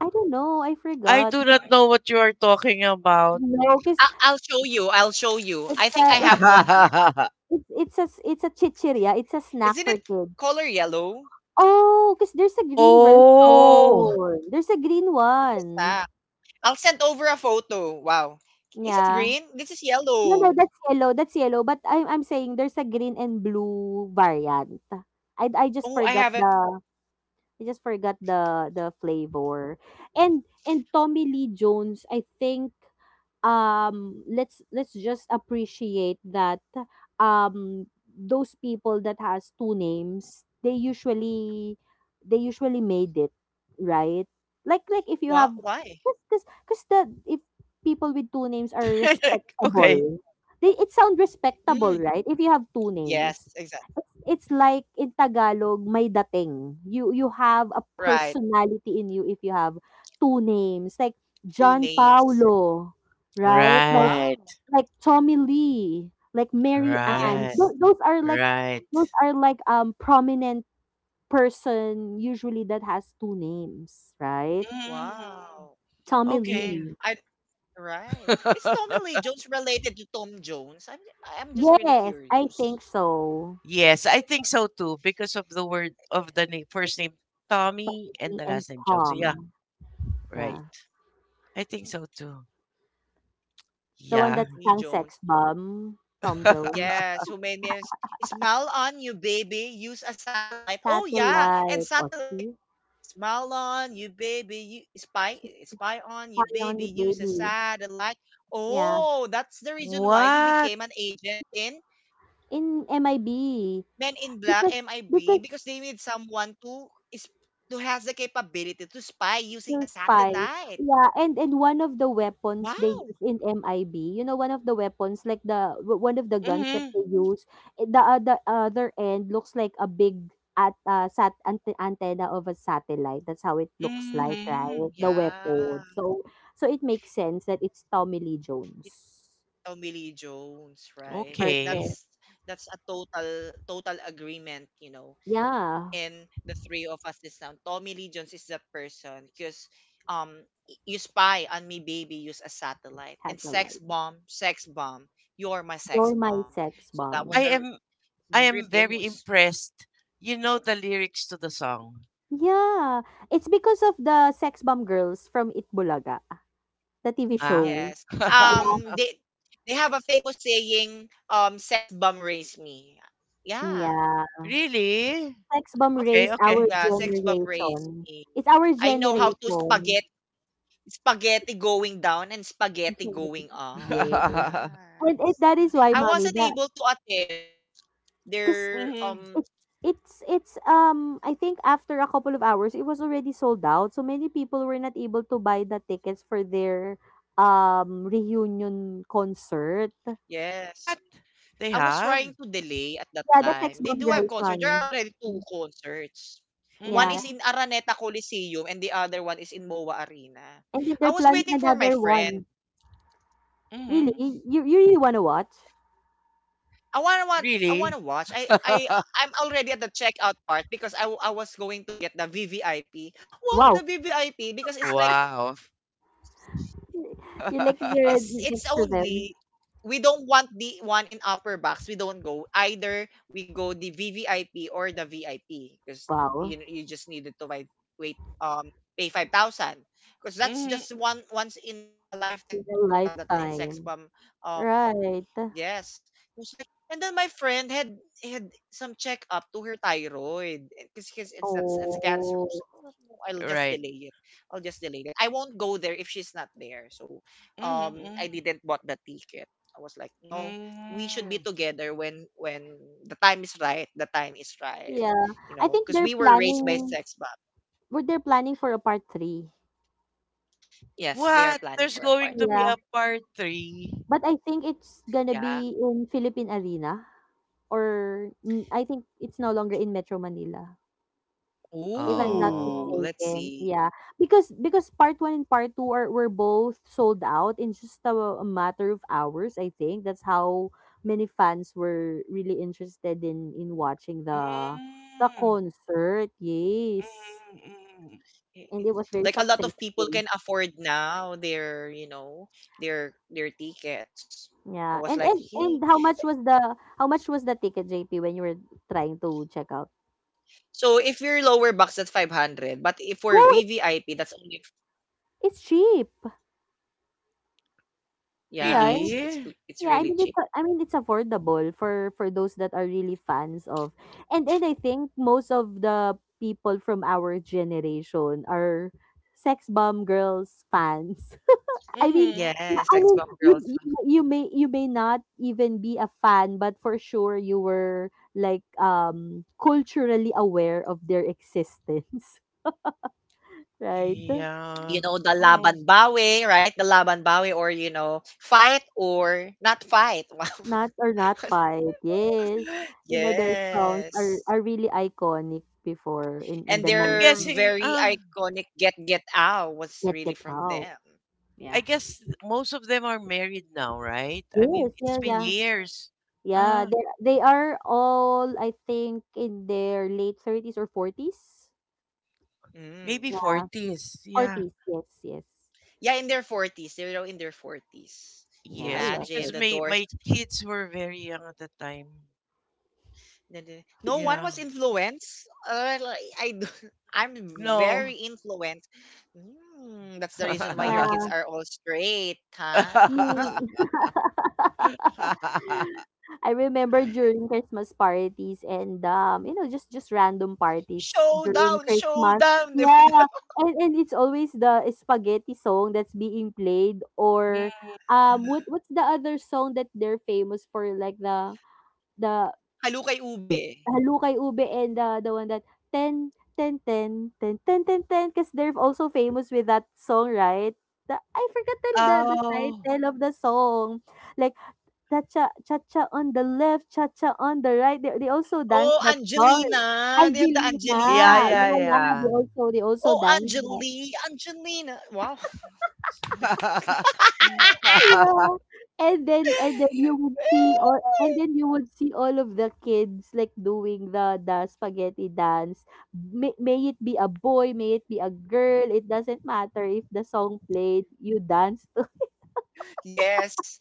Speaker 3: I don't know. I
Speaker 2: I
Speaker 3: forgot.
Speaker 2: do
Speaker 3: But
Speaker 2: not know what you are talking about.
Speaker 3: no, because
Speaker 1: I'll show you. I'll show you.
Speaker 3: it's
Speaker 1: I think
Speaker 3: a
Speaker 1: I have one here.
Speaker 3: it's a chichirya. It's a
Speaker 1: Isn't it
Speaker 3: snack for
Speaker 1: color
Speaker 3: kids.
Speaker 1: yellow?
Speaker 3: Oh, because there's a green version.
Speaker 2: Oh.
Speaker 3: There's a green
Speaker 1: It's a snack.
Speaker 3: one.
Speaker 1: I'll send over a photo. Wow. Is it
Speaker 3: Yeah.
Speaker 1: green? This is
Speaker 3: No,
Speaker 1: yellow.
Speaker 3: no, that's yellow. That's yellow. But I'm saying there's a green and blue variant. I I
Speaker 1: Oh,
Speaker 3: just
Speaker 1: I
Speaker 3: forgot
Speaker 1: haven't.
Speaker 3: the I just forgot the flavor. And Tommy Lee Jones, I think, let's just appreciate that, those people that has two names, they usually made it, right? Like, if you
Speaker 1: What?
Speaker 3: have,
Speaker 1: Why?
Speaker 3: because the if people with two names are
Speaker 2: Okay.
Speaker 3: respectable. They It sound respectable,
Speaker 1: Mm,
Speaker 3: right? If you have two
Speaker 1: yes,
Speaker 3: names,
Speaker 1: exactly.
Speaker 3: it's like in Tagalog, may dating. You have a
Speaker 1: Right.
Speaker 3: personality in you if you have two names. Like
Speaker 1: Two
Speaker 3: John
Speaker 1: names.
Speaker 3: Paulo, right?
Speaker 1: Wow.
Speaker 2: Right,
Speaker 3: Like Tommy Lee, like Mary Ann.
Speaker 2: right,
Speaker 1: Yes.
Speaker 2: right.
Speaker 3: Those are like, prominent person usually that has two names, right?
Speaker 2: Mm,
Speaker 1: Wow.
Speaker 3: Tommy
Speaker 2: okay.
Speaker 3: Lee.
Speaker 1: I right. Is Tommy Lee Jones related to Tom Jones? I'm just really
Speaker 3: Yes, I think
Speaker 1: curious.
Speaker 3: so.
Speaker 2: Yes, I think so too because of the word of the name, first name Tommy
Speaker 3: Tommy
Speaker 2: and
Speaker 3: Lee
Speaker 2: the
Speaker 3: and
Speaker 2: last name Jones. So yeah,
Speaker 3: Tom.
Speaker 2: right.
Speaker 3: Yeah.
Speaker 2: I think so too.
Speaker 3: The one
Speaker 2: Yeah.
Speaker 1: Lee
Speaker 3: that sang
Speaker 1: Jones.
Speaker 3: Sex Bomb, Tom Jones.
Speaker 1: Yes, who made me smile on you, baby. Use a satellite. Oh yeah, and
Speaker 3: Satellite. Oh,
Speaker 1: satellite.
Speaker 3: see?
Speaker 1: Smile on you, baby. You spy,
Speaker 3: She's
Speaker 1: spy on you,
Speaker 3: spy on me,
Speaker 1: baby. Use a
Speaker 3: baby.
Speaker 1: satellite.
Speaker 3: Yeah.
Speaker 1: Oh, that's the reason why he
Speaker 2: What?
Speaker 1: became an agent in
Speaker 3: In MIB.
Speaker 1: Men in Black,
Speaker 3: Because
Speaker 1: MIB,
Speaker 3: because
Speaker 1: because they need someone to is who has the capability to spy using a
Speaker 3: still spy.
Speaker 1: satellite.
Speaker 3: Yeah, and one of the weapons they
Speaker 1: Wow.
Speaker 3: use in MIB, one of the weapons like one of the guns that
Speaker 2: Mm-hmm.
Speaker 3: they use, the other end looks like a big at antenna of a satellite. That's how it looks like, right?
Speaker 2: Mm-hmm.
Speaker 3: The
Speaker 1: Yeah.
Speaker 3: weapon. So it makes sense that it's Tommy Lee
Speaker 1: It,
Speaker 3: Jones.
Speaker 1: Tommy Lee Jones, right?
Speaker 3: Perfect.
Speaker 2: Okay.
Speaker 1: That's a total agreement.
Speaker 3: Yeah,
Speaker 1: And the three of us this time. Tommy Lee Jones is that person because um you spy on me, baby, use a satellite. And
Speaker 3: satellite.
Speaker 1: sex bomb, you're my sex
Speaker 3: You're my
Speaker 1: bomb.
Speaker 3: sex
Speaker 1: So that was
Speaker 2: I
Speaker 1: a
Speaker 3: bomb.
Speaker 2: am I
Speaker 1: very
Speaker 2: am very
Speaker 1: famous.
Speaker 2: impressed. You know the lyrics to the song.
Speaker 3: Yeah, it's because of the sex bomb girls from Itbulaga. The TV
Speaker 2: Ah.
Speaker 3: show.
Speaker 1: Yes.
Speaker 3: Yeah,
Speaker 1: They have a famous saying, "Sex bomb raised me." Yeah,
Speaker 3: yeah.
Speaker 2: Really?
Speaker 3: Sex Bomb
Speaker 2: Okay,
Speaker 3: raised our
Speaker 2: okay.
Speaker 1: yeah, sex bomb raised
Speaker 3: generation.
Speaker 1: me.
Speaker 3: It's our
Speaker 1: I know how to
Speaker 3: generation.
Speaker 1: spaghetti going down and spaghetti going up.
Speaker 3: Yes.
Speaker 1: Yes.
Speaker 3: And that is why,
Speaker 1: I
Speaker 3: mommy,
Speaker 1: wasn't
Speaker 3: that
Speaker 1: able to attend
Speaker 3: because
Speaker 1: their
Speaker 2: hmm
Speaker 1: um.
Speaker 3: it it's I think after a couple of hours it was already sold out. So many people were not able to buy the tickets for their reunion concert.
Speaker 2: What?
Speaker 1: Yes.
Speaker 2: They
Speaker 1: I was
Speaker 2: have?
Speaker 1: trying to delay at that
Speaker 3: Yeah, the
Speaker 1: time.
Speaker 3: Sex
Speaker 1: They
Speaker 3: Bomb
Speaker 1: do have
Speaker 3: Girls,
Speaker 1: concerts. There are
Speaker 3: mommy.
Speaker 1: already two concerts. One
Speaker 3: Yeah.
Speaker 1: is
Speaker 2: Hmm,
Speaker 1: in Araneta Coliseum and the other one is in MOA Arena.
Speaker 3: And then they're
Speaker 1: I was
Speaker 3: planning
Speaker 1: waiting for my
Speaker 3: another one.
Speaker 1: friend.
Speaker 3: Really?
Speaker 2: hmm.
Speaker 3: You really wanna watch?
Speaker 1: I wanna want I
Speaker 2: Really?
Speaker 1: wanna watch. I I I'm already at the checkout part because I was going to get the VVIP. Wow,
Speaker 3: Wow.
Speaker 1: the VVIP because it's like.
Speaker 2: Wow.
Speaker 3: You're like you're
Speaker 1: It's it's
Speaker 3: next to them.
Speaker 1: only, we don't want the one in upper box. We don't go either. We go the VVIP or the VIP because you
Speaker 3: Wow.
Speaker 1: you just needed to wait wait um pay 5,000, because that's
Speaker 2: Hmm.
Speaker 1: just one once in a lifetime
Speaker 3: In
Speaker 1: that
Speaker 3: a
Speaker 1: you would have that sex
Speaker 3: lifetime.
Speaker 1: bomb um
Speaker 3: Right.
Speaker 1: Yes. It was like, and then my friend had some checkup to her thyroid because it's
Speaker 3: Oh.
Speaker 1: cancerous. And I was like, "No, I'll just
Speaker 2: Right.
Speaker 1: delay it. I'll just delay it. I won't go there if she's not there." So,
Speaker 2: Hmm.
Speaker 1: I didn't bought the ticket. I was like, no, we should
Speaker 2: Mm.
Speaker 1: be together when the time is right. The time is right,
Speaker 3: Yeah. I think
Speaker 1: because we were raised by sex bomb.
Speaker 3: they're planning for a part three.
Speaker 1: Yes, they are
Speaker 2: What?
Speaker 1: planning
Speaker 2: There's
Speaker 1: for a
Speaker 2: going
Speaker 1: part
Speaker 2: to be
Speaker 1: three.
Speaker 3: Yeah.
Speaker 2: a part three.
Speaker 3: But I think it's gonna
Speaker 1: Yeah.
Speaker 3: be in Philippine Arena or I think it's no longer in Metro Manila. If I'm not
Speaker 1: Ooh,
Speaker 2: Oh.
Speaker 1: let's
Speaker 3: mistaken.
Speaker 1: see.
Speaker 3: Yeah, because part one and part two are were both sold out in just a matter of hours. I think that's how many fans were really interested in watching the
Speaker 2: Mm.
Speaker 3: concert. Yes,
Speaker 2: Mm-hmm.
Speaker 3: and it was
Speaker 1: It's
Speaker 3: very
Speaker 1: like a lot
Speaker 3: successful.
Speaker 1: of people can afford now their you know their tickets. I
Speaker 3: Yeah,
Speaker 1: was
Speaker 3: and
Speaker 1: like,
Speaker 3: and
Speaker 1: hey.
Speaker 3: and how much was the how much was the ticket, JP, when you were trying to check out?
Speaker 1: So if you're lower box, that's 500, but if for
Speaker 3: Oh,
Speaker 1: VVIP, that's only,
Speaker 3: it's cheap,
Speaker 1: yeah,
Speaker 3: right?
Speaker 1: it's it's
Speaker 2: Really?
Speaker 1: it's
Speaker 3: Yeah, I
Speaker 1: really
Speaker 3: mean
Speaker 1: cheap.
Speaker 3: I mean it's affordable for those that are really fans of. And I think most of the people from our generation are sex bomb girls fans. I mean
Speaker 2: Hmm.
Speaker 1: Yes,
Speaker 3: I
Speaker 1: sex
Speaker 3: mean
Speaker 1: bomb
Speaker 3: you,
Speaker 1: girls.
Speaker 3: you, you may not even be a fan, but for sure you were like culturally aware of their existence, right?
Speaker 1: You
Speaker 2: Yeah.
Speaker 1: know the
Speaker 2: hmm
Speaker 1: laban bawi, right? The laban bawi, or, you know, fight or not fight. Wow.
Speaker 3: Not or not fight, yes. You know, their songs are
Speaker 1: Yes,
Speaker 3: are really iconic before in
Speaker 1: and
Speaker 3: the
Speaker 2: I'm
Speaker 1: their
Speaker 3: 90s.
Speaker 2: guessing.
Speaker 1: very iconic Get Out was really
Speaker 3: Get
Speaker 1: from
Speaker 3: Out.
Speaker 1: them.
Speaker 2: I
Speaker 3: Yeah.
Speaker 2: guess most of them are married now, right? I
Speaker 3: Yes,
Speaker 2: mean, it's
Speaker 3: yeah,
Speaker 2: been
Speaker 3: yeah.
Speaker 2: years.
Speaker 3: Yeah,
Speaker 2: Uh,
Speaker 3: they are all I think in their late 30s or 40s.
Speaker 2: Maybe
Speaker 1: Mm.
Speaker 3: Yeah,
Speaker 2: 40s. Yeah.
Speaker 3: 40s. Yes, yes.
Speaker 1: Yeah, in their 40s. They were in their 40s.
Speaker 3: Yeah, I
Speaker 2: Yes,
Speaker 3: love
Speaker 1: Imagine
Speaker 2: because
Speaker 3: it.
Speaker 1: the
Speaker 2: my
Speaker 1: doors.
Speaker 2: my kids were very young at the time.
Speaker 1: No one
Speaker 2: Yeah.
Speaker 1: was influenced. Like, I, I'm very
Speaker 2: No.
Speaker 1: influenced. Mm, that's the reason why your kids
Speaker 3: Yeah.
Speaker 1: are all straight, huh?
Speaker 3: Me. I remember during Christmas parties and just random parties during
Speaker 1: Showdown,
Speaker 3: Christmas.
Speaker 1: showdown. They would
Speaker 3: Yeah,
Speaker 1: have
Speaker 3: and it's always the spaghetti song that's being played, or
Speaker 2: Mm.
Speaker 3: what's the other song that they're famous for? Like the
Speaker 1: Halukay Ube.
Speaker 3: Halukay Ube, and the one that ten ten ten ten ten ten ten, because they're also famous with that song, right? I forgot the
Speaker 2: Oh.
Speaker 3: title of the song. Like cha cha cha cha on the left, cha cha on the right. They also dance
Speaker 1: Oh,
Speaker 3: that song.
Speaker 1: Angelina. They have the
Speaker 3: Angelina.
Speaker 2: Yeah,
Speaker 3: Yeah,
Speaker 1: Angelina.
Speaker 3: yeah. They
Speaker 2: yeah,
Speaker 3: also they also
Speaker 1: Oh,
Speaker 3: dance that.
Speaker 1: Angelina. Wow.
Speaker 2: yeah.
Speaker 3: Yeah. And then you would see all of the kids like doing the spaghetti dance. May it be a boy, may it be a girl, it doesn't matter. If the song played, you dance to.
Speaker 1: Yes.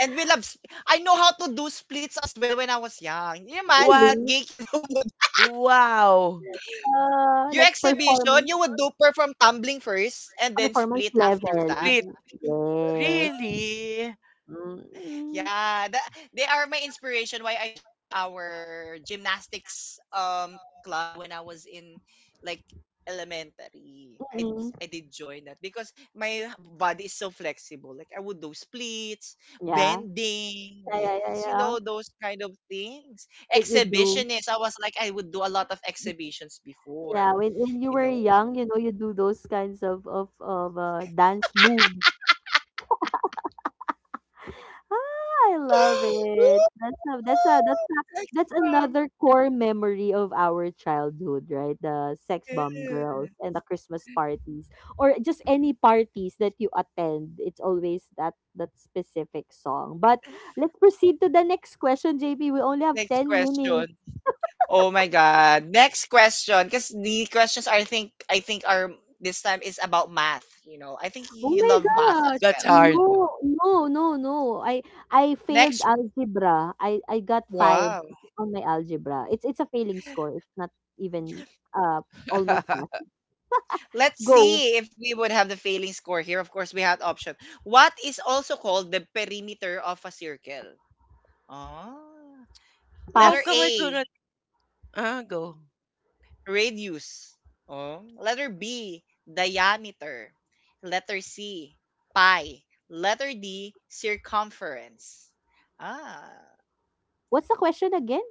Speaker 1: And we love I know how to do splits as well when I was young. You man,
Speaker 2: What?
Speaker 1: that
Speaker 3: Really,
Speaker 1: gay kid who would
Speaker 2: Wow.
Speaker 1: your
Speaker 3: like
Speaker 1: exhibition,
Speaker 3: performance
Speaker 1: you would do perform tumbling first and then
Speaker 3: performance
Speaker 1: split after
Speaker 3: level.
Speaker 1: that.
Speaker 2: Split.
Speaker 3: Yes.
Speaker 2: Really?
Speaker 3: Mm,
Speaker 1: Yeah, that, they are my inspiration why I joined our gymnastics club when I was in like elementary. I
Speaker 3: mm,
Speaker 1: I did join that because my body is so flexible. Like I would do splits,
Speaker 3: yeah.
Speaker 1: bending,
Speaker 3: Yeah, yeah, yeah,
Speaker 1: yes, you
Speaker 3: yeah.
Speaker 1: know those kind of things.
Speaker 3: That you do.
Speaker 1: Exhibitionist. I was like I would do a lot of exhibitions before,
Speaker 3: Yeah, when you
Speaker 1: you
Speaker 3: were
Speaker 1: know.
Speaker 3: young, you know, you do those kinds of dance moves. Ah, I love it.
Speaker 1: Woo!
Speaker 3: That's a, that's a that's a
Speaker 1: Next
Speaker 3: that's another core memory of our childhood, right? The sex bomb
Speaker 1: yeah.
Speaker 3: girls and the Christmas parties, or just any parties that you attend. It's always that specific song. But let's proceed to the next question, JP. We only have
Speaker 1: Next
Speaker 3: 10 minutes.
Speaker 1: question. Oh my God. Next question, because the questions are, I think are this time is about math. I think
Speaker 3: Oh
Speaker 1: you
Speaker 3: my
Speaker 1: love math
Speaker 3: God!
Speaker 1: as
Speaker 2: That's
Speaker 1: well.
Speaker 2: hard.
Speaker 3: No, no, no, no. I I failed
Speaker 1: Next,
Speaker 3: algebra. I got five
Speaker 1: wow.
Speaker 3: on my algebra. It's a failing score. It's not even almost pass.
Speaker 1: Let's
Speaker 3: Go
Speaker 1: see if we would have the failing score here. Of course, we had option. What is also called the perimeter of a circle? Oh.
Speaker 2: How
Speaker 1: Letter
Speaker 3: pass.
Speaker 2: come I do
Speaker 1: A,
Speaker 2: not? Go.
Speaker 1: radius. Oh. Letter B, diameter. Letter C, pi. Letter D, circumference. Ah,
Speaker 3: What's the question again?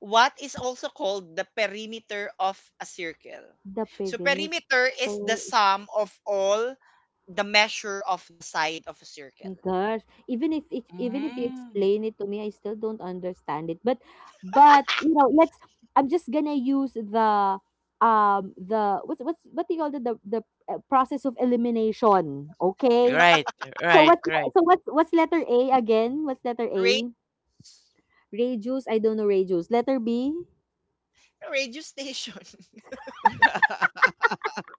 Speaker 1: what is also called the perimeter of a circle?
Speaker 3: The
Speaker 1: So
Speaker 3: perimeter
Speaker 1: perimeter is the
Speaker 3: is
Speaker 1: sum of all the measure of the side of a circle.
Speaker 3: my gosh, even if it, even if you
Speaker 2: Mm.
Speaker 3: explain it to me, I still don't understand it. But you know, let's I'm just gonna use the what do you call the process of elimination, okay?
Speaker 2: Right,
Speaker 3: So
Speaker 2: right,
Speaker 3: what
Speaker 2: right.
Speaker 3: what's letter A again? What's letter
Speaker 1: Radius,
Speaker 3: A? Reduce, I don't know reduce. Letter B?
Speaker 1: radio station,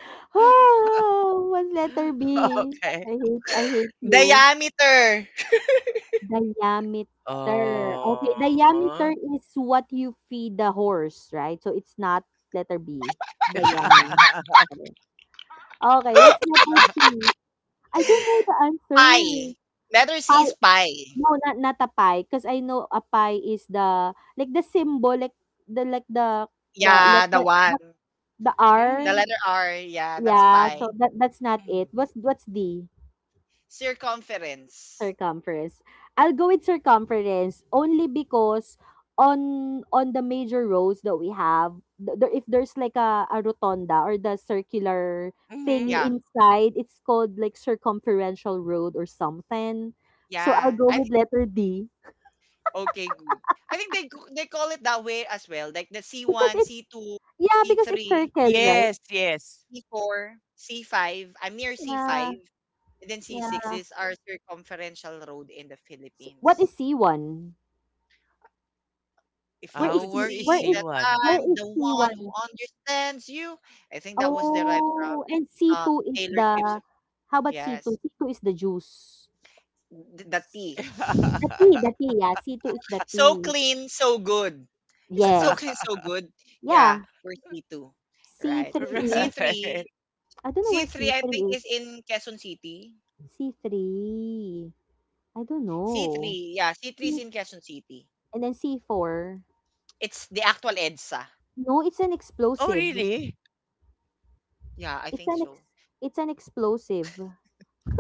Speaker 3: Oh, what's letter B?
Speaker 2: Okay.
Speaker 3: I hate you.
Speaker 1: diameter,
Speaker 3: Diameter. Okay, diameter
Speaker 2: Oh.
Speaker 3: is what you feed the horse, right? So it's not letter B, diameter. Okay, what's letter C? I don't know the
Speaker 1: pi.
Speaker 3: answer.
Speaker 1: Letter C
Speaker 3: Pie,
Speaker 1: is pi.
Speaker 3: no, not a pie, 'cause I know a pie is the like the symbol, like the like the the
Speaker 1: Yeah, the
Speaker 3: letter,
Speaker 1: one.
Speaker 3: but the
Speaker 1: The
Speaker 3: R?
Speaker 2: Mm-hmm.
Speaker 1: letter R, yeah, that's
Speaker 3: Yeah,
Speaker 1: pi.
Speaker 3: so
Speaker 2: Hmm,
Speaker 3: that's not it. What's D?
Speaker 1: Circumference.
Speaker 3: Circumference. I'll go with circumference only because on the major roads that we have, if there's like a rotonda, or the circular thingy
Speaker 2: hmm.
Speaker 1: Yeah.
Speaker 3: inside, it's called like circumferential road or something. So I'll
Speaker 1: Yeah.
Speaker 3: go
Speaker 1: I
Speaker 3: with letter D
Speaker 1: Okay, good. I think they they call it that way as well. Like the
Speaker 3: because
Speaker 1: C1,
Speaker 3: it's
Speaker 1: C2,
Speaker 3: yeah, because it's
Speaker 1: C3,
Speaker 3: circle, right?
Speaker 2: Yes, yes.
Speaker 1: C4, C5. I'm near
Speaker 3: Yeah,
Speaker 1: C5. And then C6
Speaker 3: yeah.
Speaker 1: is our circumferential road in the
Speaker 3: So what is
Speaker 1: Philippines.
Speaker 3: C one?
Speaker 1: If
Speaker 3: Where
Speaker 1: you
Speaker 3: is
Speaker 2: Oh,
Speaker 1: could
Speaker 3: C?
Speaker 2: where is
Speaker 3: Where
Speaker 1: see
Speaker 3: is
Speaker 2: he
Speaker 1: that
Speaker 2: one?
Speaker 3: where
Speaker 1: I'm
Speaker 3: is
Speaker 1: the
Speaker 3: C
Speaker 1: one who
Speaker 3: one?
Speaker 1: understands you, I think that was derived from
Speaker 3: Oh, and C
Speaker 1: um,
Speaker 3: two is
Speaker 1: Taylor
Speaker 3: the
Speaker 1: Swift's.
Speaker 3: how about C two?
Speaker 1: Yes,
Speaker 3: C two is the juice.
Speaker 1: the
Speaker 3: S
Speaker 1: T.
Speaker 3: the tea, the tea, yeah, C two is the
Speaker 1: So
Speaker 3: tea.
Speaker 1: clean, so good. Is it so
Speaker 3: Yes.
Speaker 1: clean, so good? Yeah,
Speaker 3: Yeah,
Speaker 1: we're C2,
Speaker 3: c
Speaker 1: right?
Speaker 3: three is
Speaker 1: C3
Speaker 2: Right.
Speaker 3: I don't know where
Speaker 1: C3
Speaker 3: C
Speaker 1: I
Speaker 3: three
Speaker 1: think
Speaker 3: is.
Speaker 1: is in Quezon City.
Speaker 3: C three, I don't know.
Speaker 1: C3, yeah, C3 is
Speaker 3: C
Speaker 1: in Quezon City.
Speaker 3: and then C four,
Speaker 1: It's the actual EDSA.
Speaker 3: no, it's an
Speaker 2: Oh,
Speaker 3: explosive.
Speaker 2: really?
Speaker 1: Yeah, I
Speaker 3: It's
Speaker 1: think
Speaker 3: an
Speaker 1: so.
Speaker 3: ex it's an explosive.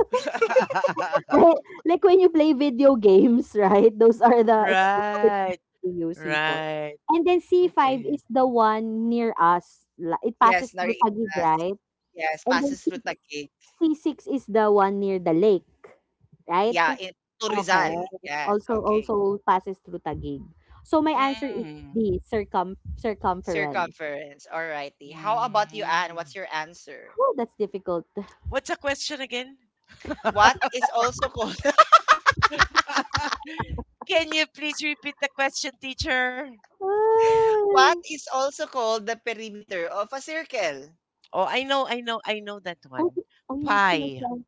Speaker 3: Like, like when you play video games, right? Those are the explosives
Speaker 2: Right,
Speaker 3: that we use C4.
Speaker 2: right.
Speaker 3: And then C5
Speaker 2: Okay.
Speaker 3: is the one near us. It
Speaker 1: Yes,
Speaker 3: passes through
Speaker 1: Naritas.
Speaker 3: Taguig, right?
Speaker 1: Yes,
Speaker 3: And then
Speaker 1: passes through Taguig.
Speaker 3: C6 is the one near the lake, right?
Speaker 1: Yeah, in to
Speaker 3: Okay.
Speaker 1: Rizal. Yes,
Speaker 3: Also
Speaker 1: okay.
Speaker 3: also passes through Taguig. So my answer is
Speaker 2: Mm.
Speaker 3: D, circumference.
Speaker 1: Circumference. Alrighty. How about you, Anne? What's
Speaker 2: Mm.
Speaker 1: your answer?
Speaker 3: Oh, that's difficult.
Speaker 2: What's the question again?
Speaker 1: What is also called
Speaker 2: Can you please repeat the question, teacher?
Speaker 1: what
Speaker 3: Oh.
Speaker 1: is also called the perimeter of a circle?
Speaker 2: Oh, I know, I know, I know that one.
Speaker 3: Yun, she knows
Speaker 2: Pie.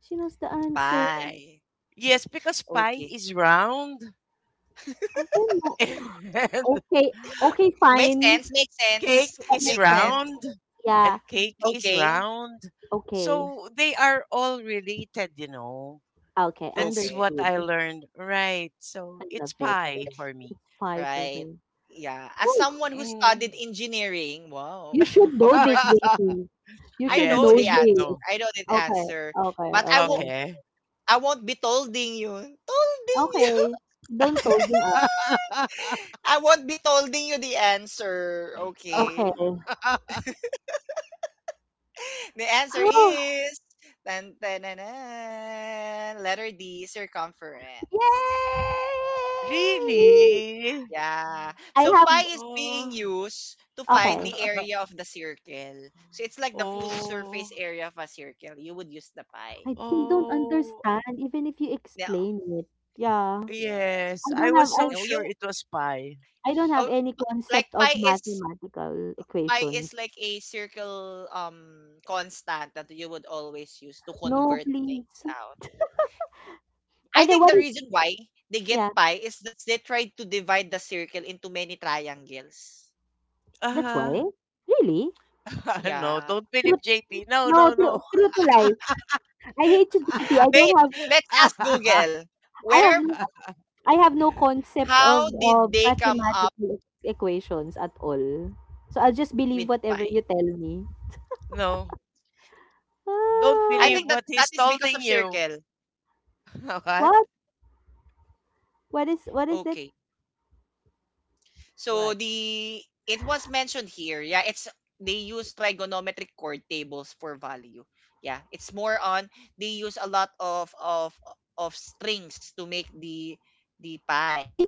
Speaker 3: she knows the answer.
Speaker 1: Pi.
Speaker 2: Yes, because pie
Speaker 1: Okay.
Speaker 2: is round
Speaker 3: I don't know.
Speaker 2: and
Speaker 3: Okay, okay,
Speaker 1: Makes
Speaker 3: fine.
Speaker 1: sense, makes
Speaker 2: cake
Speaker 1: sense,
Speaker 3: That
Speaker 2: is
Speaker 3: makes
Speaker 1: makes
Speaker 3: sense.
Speaker 1: sense.
Speaker 2: round and
Speaker 3: Yeah.
Speaker 2: cake is
Speaker 1: Okay.
Speaker 2: round.
Speaker 3: Okay.
Speaker 2: So they are all related.
Speaker 3: Okay.
Speaker 2: That's
Speaker 1: Okay.
Speaker 2: what
Speaker 3: Understood.
Speaker 2: I learned. Right. So
Speaker 3: I
Speaker 2: it's
Speaker 3: love it.
Speaker 2: pie for me.
Speaker 3: It's pie for
Speaker 1: Right.
Speaker 3: her.
Speaker 1: Yeah. As
Speaker 3: Whew,
Speaker 1: someone who
Speaker 2: Mhm.
Speaker 1: studied engineering, wow.
Speaker 3: you should
Speaker 1: Of
Speaker 3: know this,
Speaker 1: course,
Speaker 3: JP. You
Speaker 1: I
Speaker 3: should
Speaker 2: Yes,
Speaker 1: know
Speaker 3: know
Speaker 2: you
Speaker 1: the
Speaker 2: should
Speaker 1: answer.
Speaker 2: know.
Speaker 1: I
Speaker 3: this.
Speaker 1: know the
Speaker 3: Okay.
Speaker 1: answer,
Speaker 3: Okay.
Speaker 1: but I won't.
Speaker 3: Okay.
Speaker 2: Okay.
Speaker 1: I won't be tolding you. Tolding you.
Speaker 3: Okay. Don't hold me up.
Speaker 1: I won't be tolding you the answer. Okay.
Speaker 3: Okay.
Speaker 2: Oh,
Speaker 1: The answer is tan, tan, nan, nan, letter D, circumference.
Speaker 3: Yay!
Speaker 2: Really?
Speaker 1: Yeah.
Speaker 3: I
Speaker 1: So
Speaker 3: have.
Speaker 1: pi is being
Speaker 2: Oh.
Speaker 1: used to find
Speaker 3: Okay.
Speaker 1: the area of the circle. So it's like the full
Speaker 2: Oh.
Speaker 1: surface area of a circle. You would use the pi.
Speaker 3: I still don't
Speaker 2: Oh.
Speaker 3: understand, even if you
Speaker 1: Yeah.
Speaker 3: explain it. Yeah.
Speaker 1: Yes.
Speaker 3: I
Speaker 2: Yes. I
Speaker 3: don't
Speaker 2: was
Speaker 3: have. I.
Speaker 2: so
Speaker 1: Now
Speaker 2: sure
Speaker 1: you
Speaker 2: it was pie.
Speaker 3: I don't have
Speaker 1: oh,
Speaker 3: any
Speaker 1: like
Speaker 3: concept of
Speaker 1: pi is
Speaker 3: mathematical
Speaker 1: pi
Speaker 3: equation.
Speaker 1: is like a circle constant that you would always use to
Speaker 3: No,
Speaker 1: convert things
Speaker 3: please.
Speaker 1: out. I
Speaker 3: And then
Speaker 1: think
Speaker 3: what
Speaker 1: the
Speaker 3: is,
Speaker 1: reason why they get
Speaker 3: yeah,
Speaker 1: pi is that they tried to divide the circle into many triangles.
Speaker 3: that's
Speaker 2: uh
Speaker 3: why. Really?
Speaker 2: No,
Speaker 1: Yeah.
Speaker 2: don't
Speaker 3: True,
Speaker 2: believe JP. No,
Speaker 3: no,
Speaker 2: no, no.
Speaker 3: true, true to life. I hate you, JP. I
Speaker 1: Wait,
Speaker 3: don't have.
Speaker 1: let's ask Google.
Speaker 3: I have
Speaker 1: Where
Speaker 3: no, I have no concept
Speaker 1: How
Speaker 3: of,
Speaker 1: did
Speaker 3: of
Speaker 1: they come up
Speaker 3: mathematical equations at all. So I'll just
Speaker 1: with
Speaker 3: believe whatever
Speaker 1: pi?
Speaker 3: you tell me.
Speaker 2: No. Don't
Speaker 1: I
Speaker 2: believe
Speaker 1: think
Speaker 3: Oh,
Speaker 1: that
Speaker 2: what
Speaker 1: that
Speaker 2: he's
Speaker 1: is because
Speaker 2: telling
Speaker 1: of
Speaker 2: you.
Speaker 1: circle.
Speaker 2: What?
Speaker 3: what? What is it?
Speaker 1: Okay. So
Speaker 2: What?
Speaker 1: the it was mentioned here. Yeah, it's they use trigonometric chord tables for value. Yeah, it's more on they use a lot of strings to make the pi.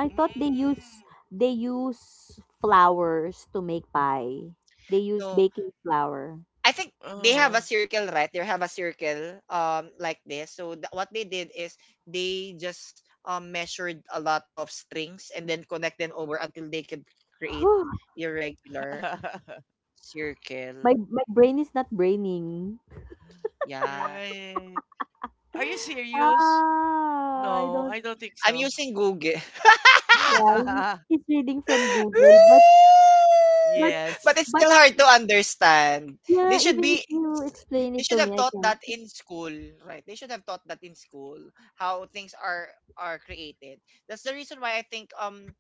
Speaker 3: I thought they use,
Speaker 2: Mm.
Speaker 3: they use flowers to make pie. They use
Speaker 1: No,
Speaker 3: baking flour.
Speaker 1: I think they have a
Speaker 2: Uh-huh.
Speaker 1: circle, right? They have a circle like this. So what they did is they just measured a lot of strings and then connect them over until they could create irregular circle.
Speaker 3: My brain is not braining.
Speaker 1: Yeah.
Speaker 2: Right. Are you serious?
Speaker 3: Ah, I
Speaker 2: No,
Speaker 3: don't.
Speaker 2: I don't think
Speaker 1: I'm
Speaker 2: so.
Speaker 1: using Google.
Speaker 3: Yeah, he- he's reading from Google, but but
Speaker 1: But
Speaker 2: Yes.
Speaker 1: it's
Speaker 3: but
Speaker 1: still hard to understand. They
Speaker 3: yeah,
Speaker 1: should
Speaker 3: even if
Speaker 1: be
Speaker 3: you explain
Speaker 1: they
Speaker 3: it
Speaker 1: should
Speaker 3: to me,
Speaker 1: have
Speaker 3: I
Speaker 1: taught
Speaker 3: can.
Speaker 1: that in school, right? They should have taught that in school how things are created. That's the reason why I think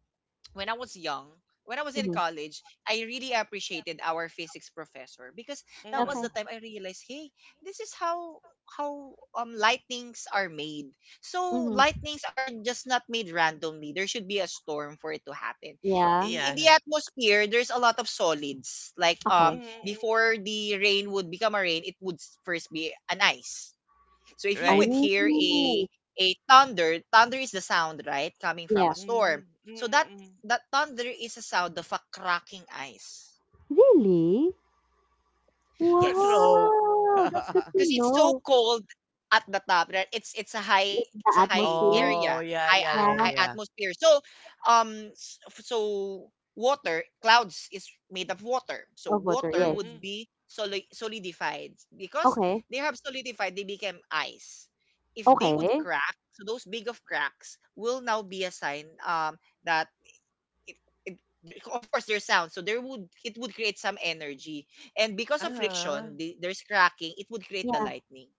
Speaker 1: when I was young, when I was in
Speaker 3: Hmm.
Speaker 1: college, I really appreciated our physics professor because that was the
Speaker 3: Okay.
Speaker 2: Mm,
Speaker 1: time I realized, hey, this is how lightnings are made. So
Speaker 3: Hmm.
Speaker 1: lightnings are just not made randomly. There should be a storm for it to happen.
Speaker 3: Yeah.
Speaker 1: In the
Speaker 2: yeah.
Speaker 1: atmosphere, there's a lot of solids. Like
Speaker 3: Okay.
Speaker 2: Mm-mm.
Speaker 1: before the rain would become a rain, it would first be an ice. So if you
Speaker 2: Right.
Speaker 1: would hear a
Speaker 3: Oh,
Speaker 1: a thunder. Thunder is the sound, right, coming from
Speaker 3: yeah.
Speaker 1: a storm. So that
Speaker 2: Mm-mm.
Speaker 1: that thunder is a sound of a cracking ice.
Speaker 3: Really?
Speaker 1: Yes.
Speaker 2: No.
Speaker 3: Wow, that's good to
Speaker 1: Because it's so
Speaker 3: know.
Speaker 1: cold at the top, that it's a high
Speaker 3: Like
Speaker 1: it's
Speaker 3: the
Speaker 1: a high
Speaker 3: atmosphere,
Speaker 2: Oh,
Speaker 1: area,
Speaker 2: yeah,
Speaker 1: high
Speaker 2: yeah, yeah, yeah.
Speaker 3: yeah,
Speaker 1: high
Speaker 2: Yeah.
Speaker 1: atmosphere. So um s- so water, clouds is made of water, so
Speaker 3: of water.
Speaker 1: water would
Speaker 3: Yes.
Speaker 2: Mm-mm.
Speaker 1: be solidified because
Speaker 3: Okay.
Speaker 1: they have solidified, they became ice. If they would
Speaker 3: Okay.
Speaker 1: crack, so those big of cracks will now be a sign that it, it there, of course there's sound, so there would it would create some energy. And because of
Speaker 2: uh
Speaker 1: friction, there's cracking, it would create the
Speaker 3: Yeah.
Speaker 1: lightning.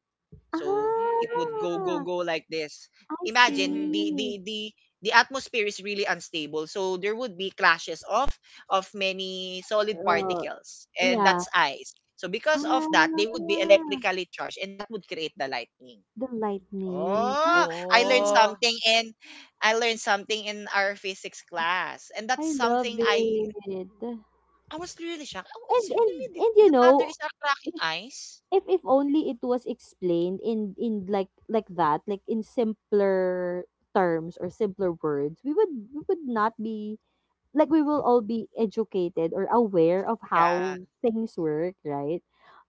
Speaker 1: So it would go
Speaker 2: Mm-mm.
Speaker 1: go
Speaker 3: Ah,
Speaker 1: go like this.
Speaker 3: I
Speaker 1: Imagine the
Speaker 3: see.
Speaker 1: the the the atmosphere is really unstable, so there would be clashes of many solid
Speaker 3: Uh.
Speaker 1: particles and
Speaker 3: Yeah.
Speaker 1: that's ice. So because of that, they would be
Speaker 3: Ah,
Speaker 1: electrically charged and that would create the lightning.
Speaker 3: the lightning. I
Speaker 1: Oh, I learned
Speaker 3: see.
Speaker 2: Oh,
Speaker 1: something in I learned something in our physics class. And that's
Speaker 3: I love
Speaker 1: something
Speaker 3: it.
Speaker 1: I was really shocked. Oh, it's
Speaker 3: And and
Speaker 1: really
Speaker 3: and
Speaker 1: the thunder is a cracking
Speaker 3: if
Speaker 1: ice.
Speaker 3: if only it was explained in like that, like in simpler terms or simpler words, we would not be, like, we will all be educated or aware of
Speaker 1: Yeah,
Speaker 3: how things work, right?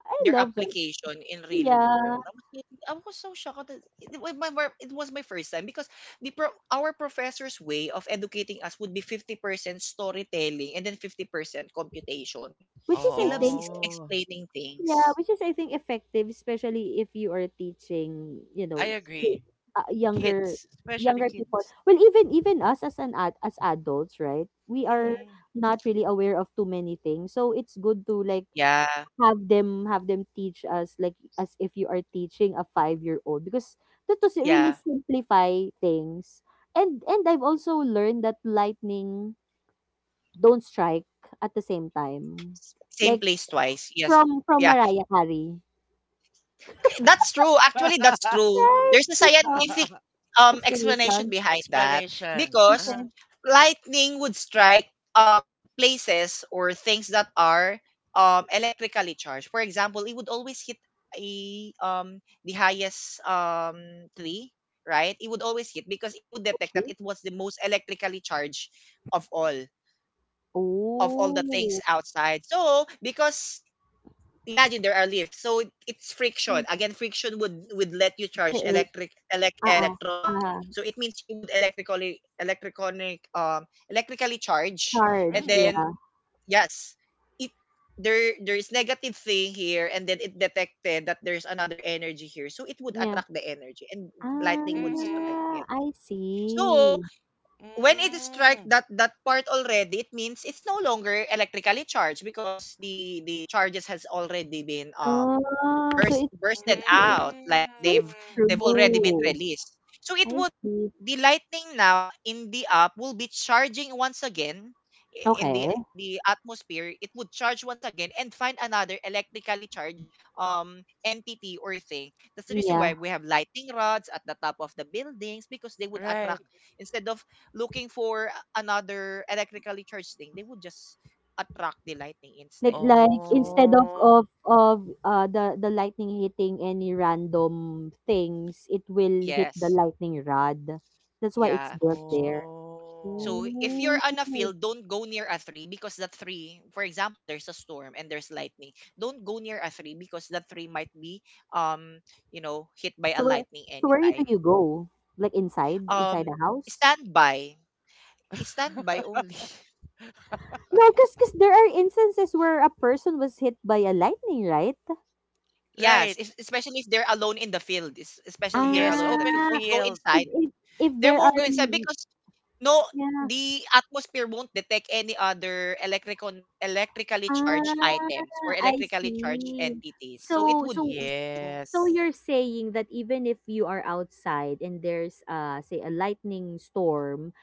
Speaker 3: I
Speaker 1: their
Speaker 3: love that.
Speaker 1: application in real
Speaker 3: Yeah.
Speaker 1: world. I was really- I was so shocked. That It was it was my first time because our professor's way of educating us would be 50% storytelling and then 50% computation.
Speaker 3: Which is,
Speaker 1: He
Speaker 3: I think.
Speaker 2: oh.
Speaker 1: explaining
Speaker 3: Yeah,
Speaker 1: things.
Speaker 3: which is, I think, effective, especially if you are teaching,
Speaker 2: I
Speaker 3: ki-
Speaker 2: agree.
Speaker 3: uh, younger
Speaker 2: Kids, especially
Speaker 3: younger people.
Speaker 2: kids.
Speaker 3: Well, even us as as adults, right? We are
Speaker 2: Mm.
Speaker 3: not really aware of too many things, so it's good to like
Speaker 1: Yeah.
Speaker 3: have them teach us like as if you are teaching a 5-year old, because that was really
Speaker 1: Yeah.
Speaker 3: simplify things. And I've also learned that lightning don't strike at the same time,
Speaker 1: Same
Speaker 3: like
Speaker 1: place twice. Yes.
Speaker 3: from
Speaker 1: Yeah.
Speaker 3: Mariah Carey.
Speaker 1: That's true. Actually, that's true.
Speaker 3: Right,
Speaker 1: There's a
Speaker 3: the song
Speaker 1: scientific explanation
Speaker 3: explanation.
Speaker 1: behind that
Speaker 2: Explanation.
Speaker 1: because
Speaker 2: Uh-huh.
Speaker 3: Instead,
Speaker 1: lightning would strike places or things that are electrically charged. For example, it would always hit a the highest tree, right? It would always hit because it would
Speaker 3: the
Speaker 1: detect that
Speaker 3: tree.
Speaker 1: it was the most electrically charged of all, of all the things
Speaker 3: Oh.
Speaker 1: outside. So, because imagine there are lifts, so it's
Speaker 3: Mm.
Speaker 1: friction, again friction would let you charge
Speaker 3: Create.
Speaker 1: electric
Speaker 3: Ah. Ah.
Speaker 1: electrons,
Speaker 3: Ah.
Speaker 1: so it means you would electrically electronic electrically charge. And
Speaker 3: Charged. Yeah,
Speaker 1: then
Speaker 2: Mm.
Speaker 1: yes, it there there is negative thing here and then it detected that there's another energy here, so it would
Speaker 3: yeah.
Speaker 1: attract the energy and lightning would strike
Speaker 2: Mhm.
Speaker 3: Ah,
Speaker 1: it.
Speaker 3: I
Speaker 1: So
Speaker 3: see.
Speaker 1: when it strike
Speaker 2: Mm.
Speaker 1: that that part already, it means it's no longer electrically charged because the charges has already been
Speaker 3: Ah, so it's
Speaker 1: bursted
Speaker 3: true. So it-
Speaker 1: out, like
Speaker 3: so it's
Speaker 2: Mm.
Speaker 1: they've already been
Speaker 3: true.
Speaker 1: released. So it
Speaker 3: I
Speaker 1: would,
Speaker 3: see.
Speaker 1: the lightning now in the app will be charging once again,
Speaker 3: Okay.
Speaker 1: in the atmosphere, it would charge once again and find another electrically charged entity or thing. That's the reason
Speaker 3: Yeah.
Speaker 1: why we have lightning rods at the top of the buildings because they would attract,
Speaker 2: Right.
Speaker 1: instead of looking for another electrically charged thing, they would just attract the lightning
Speaker 3: Like
Speaker 1: instead.
Speaker 3: like
Speaker 1: So,
Speaker 3: instead of
Speaker 2: Oh.
Speaker 3: of of the lightning hitting any random things, it will hit the
Speaker 1: yes.
Speaker 3: lightning rod. That's why it's
Speaker 1: Yeah.
Speaker 3: built there.
Speaker 2: Oh.
Speaker 1: So, if you're
Speaker 3: Oh.
Speaker 1: on a field, don't go near a tree because that tree, for example, there's a storm and there's lightning. Don't go near a tree because that tree might be, um, you know, hit by a
Speaker 3: So where
Speaker 1: lightning
Speaker 3: so where do
Speaker 1: anytime.
Speaker 3: you go? Like inside
Speaker 1: Um,
Speaker 3: the house?
Speaker 1: stand by. Stand by only.
Speaker 3: No, cause there are instances where a person was hit by a lightning, right?
Speaker 1: Yes,
Speaker 2: Right.
Speaker 1: especially if they're alone in the field. Especially if they're
Speaker 2: Yes,
Speaker 1: alone
Speaker 3: Ah,
Speaker 1: in the
Speaker 2: open
Speaker 1: field. Don't go
Speaker 2: field.
Speaker 3: if
Speaker 1: inside.
Speaker 3: if
Speaker 1: They
Speaker 3: there are,
Speaker 1: won't go inside because no,
Speaker 3: yeah.
Speaker 1: the atmosphere won't detect any other electrical, electrically charged items or
Speaker 3: Ah, I
Speaker 1: electrically charged
Speaker 3: see.
Speaker 1: entities. So it
Speaker 3: So
Speaker 1: would
Speaker 3: so
Speaker 1: choose you.
Speaker 3: so
Speaker 2: Yes.
Speaker 3: you're saying that, even if you are outside and there's say a lightning storm,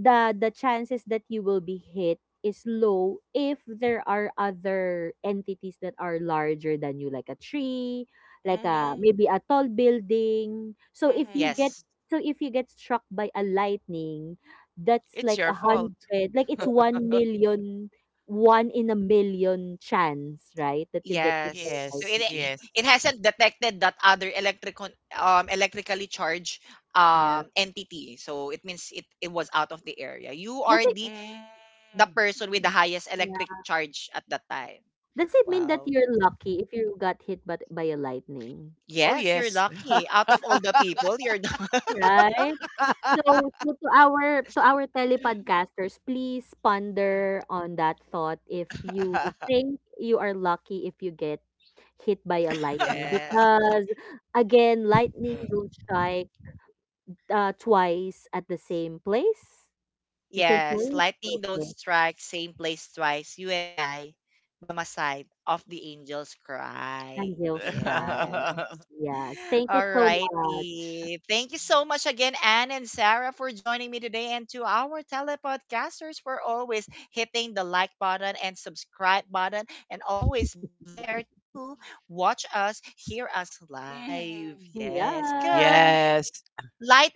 Speaker 3: the chances that you will be hit is low if there are other entities that are larger than you, like a tree, like a
Speaker 2: Mhm.
Speaker 3: maybe a tall building. So if you
Speaker 2: Mhm.
Speaker 3: get,
Speaker 1: Yes.
Speaker 3: struck by a lightning, that's
Speaker 2: It's
Speaker 3: like
Speaker 2: your
Speaker 3: a
Speaker 2: fault.
Speaker 3: hundred, like it's one million, one in a million chance, right, that you get hit by
Speaker 1: Yes. So
Speaker 2: Yes,
Speaker 3: lightning.
Speaker 2: yes.
Speaker 1: it hasn't detected that other electrical electrically charged
Speaker 3: Yeah,
Speaker 1: entity. So it means it was out of the area. You
Speaker 3: does
Speaker 1: are
Speaker 3: it
Speaker 1: the
Speaker 2: Mm.
Speaker 1: person with the highest electric
Speaker 3: yeah
Speaker 1: charge at that time.
Speaker 3: does it mean that
Speaker 1: Wow.
Speaker 3: you're lucky if you got hit but by a lightning,
Speaker 2: Oh,
Speaker 1: Yes, you're
Speaker 2: yes.
Speaker 1: lucky. Out of all the people, you're the
Speaker 3: right? So to our telepodcasters, please ponder on that thought. If you think you are lucky if you get hit by a lightning,
Speaker 1: yes.
Speaker 3: because, again, lightning don't strike, twice at the same place. The same
Speaker 1: Yes,
Speaker 3: place?
Speaker 1: lightning don't
Speaker 3: Okay.
Speaker 1: strike same place twice. You and I, Mama side of the angels
Speaker 3: And
Speaker 1: cry.
Speaker 3: Angels cry.
Speaker 1: Yes.
Speaker 3: Yes. Thank
Speaker 1: All
Speaker 3: you so much.
Speaker 1: righty. Thank you so much again, Anne and Sarah, for joining me today, and to our telepodcasters for always hitting the like button and subscribe button, and always be there to watch us, hear us live.
Speaker 2: Mhm.
Speaker 1: Yes, cause
Speaker 3: Yeah.
Speaker 2: Yes,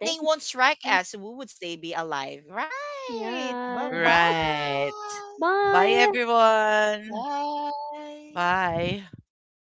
Speaker 3: Thank you.
Speaker 1: won't strike
Speaker 3: so-
Speaker 1: us, we would stay be alive. Right.
Speaker 3: Yeah.
Speaker 1: Bye-bye.
Speaker 2: right. Bye,
Speaker 3: Bye.
Speaker 2: everyone.
Speaker 1: Bye.
Speaker 2: Bye.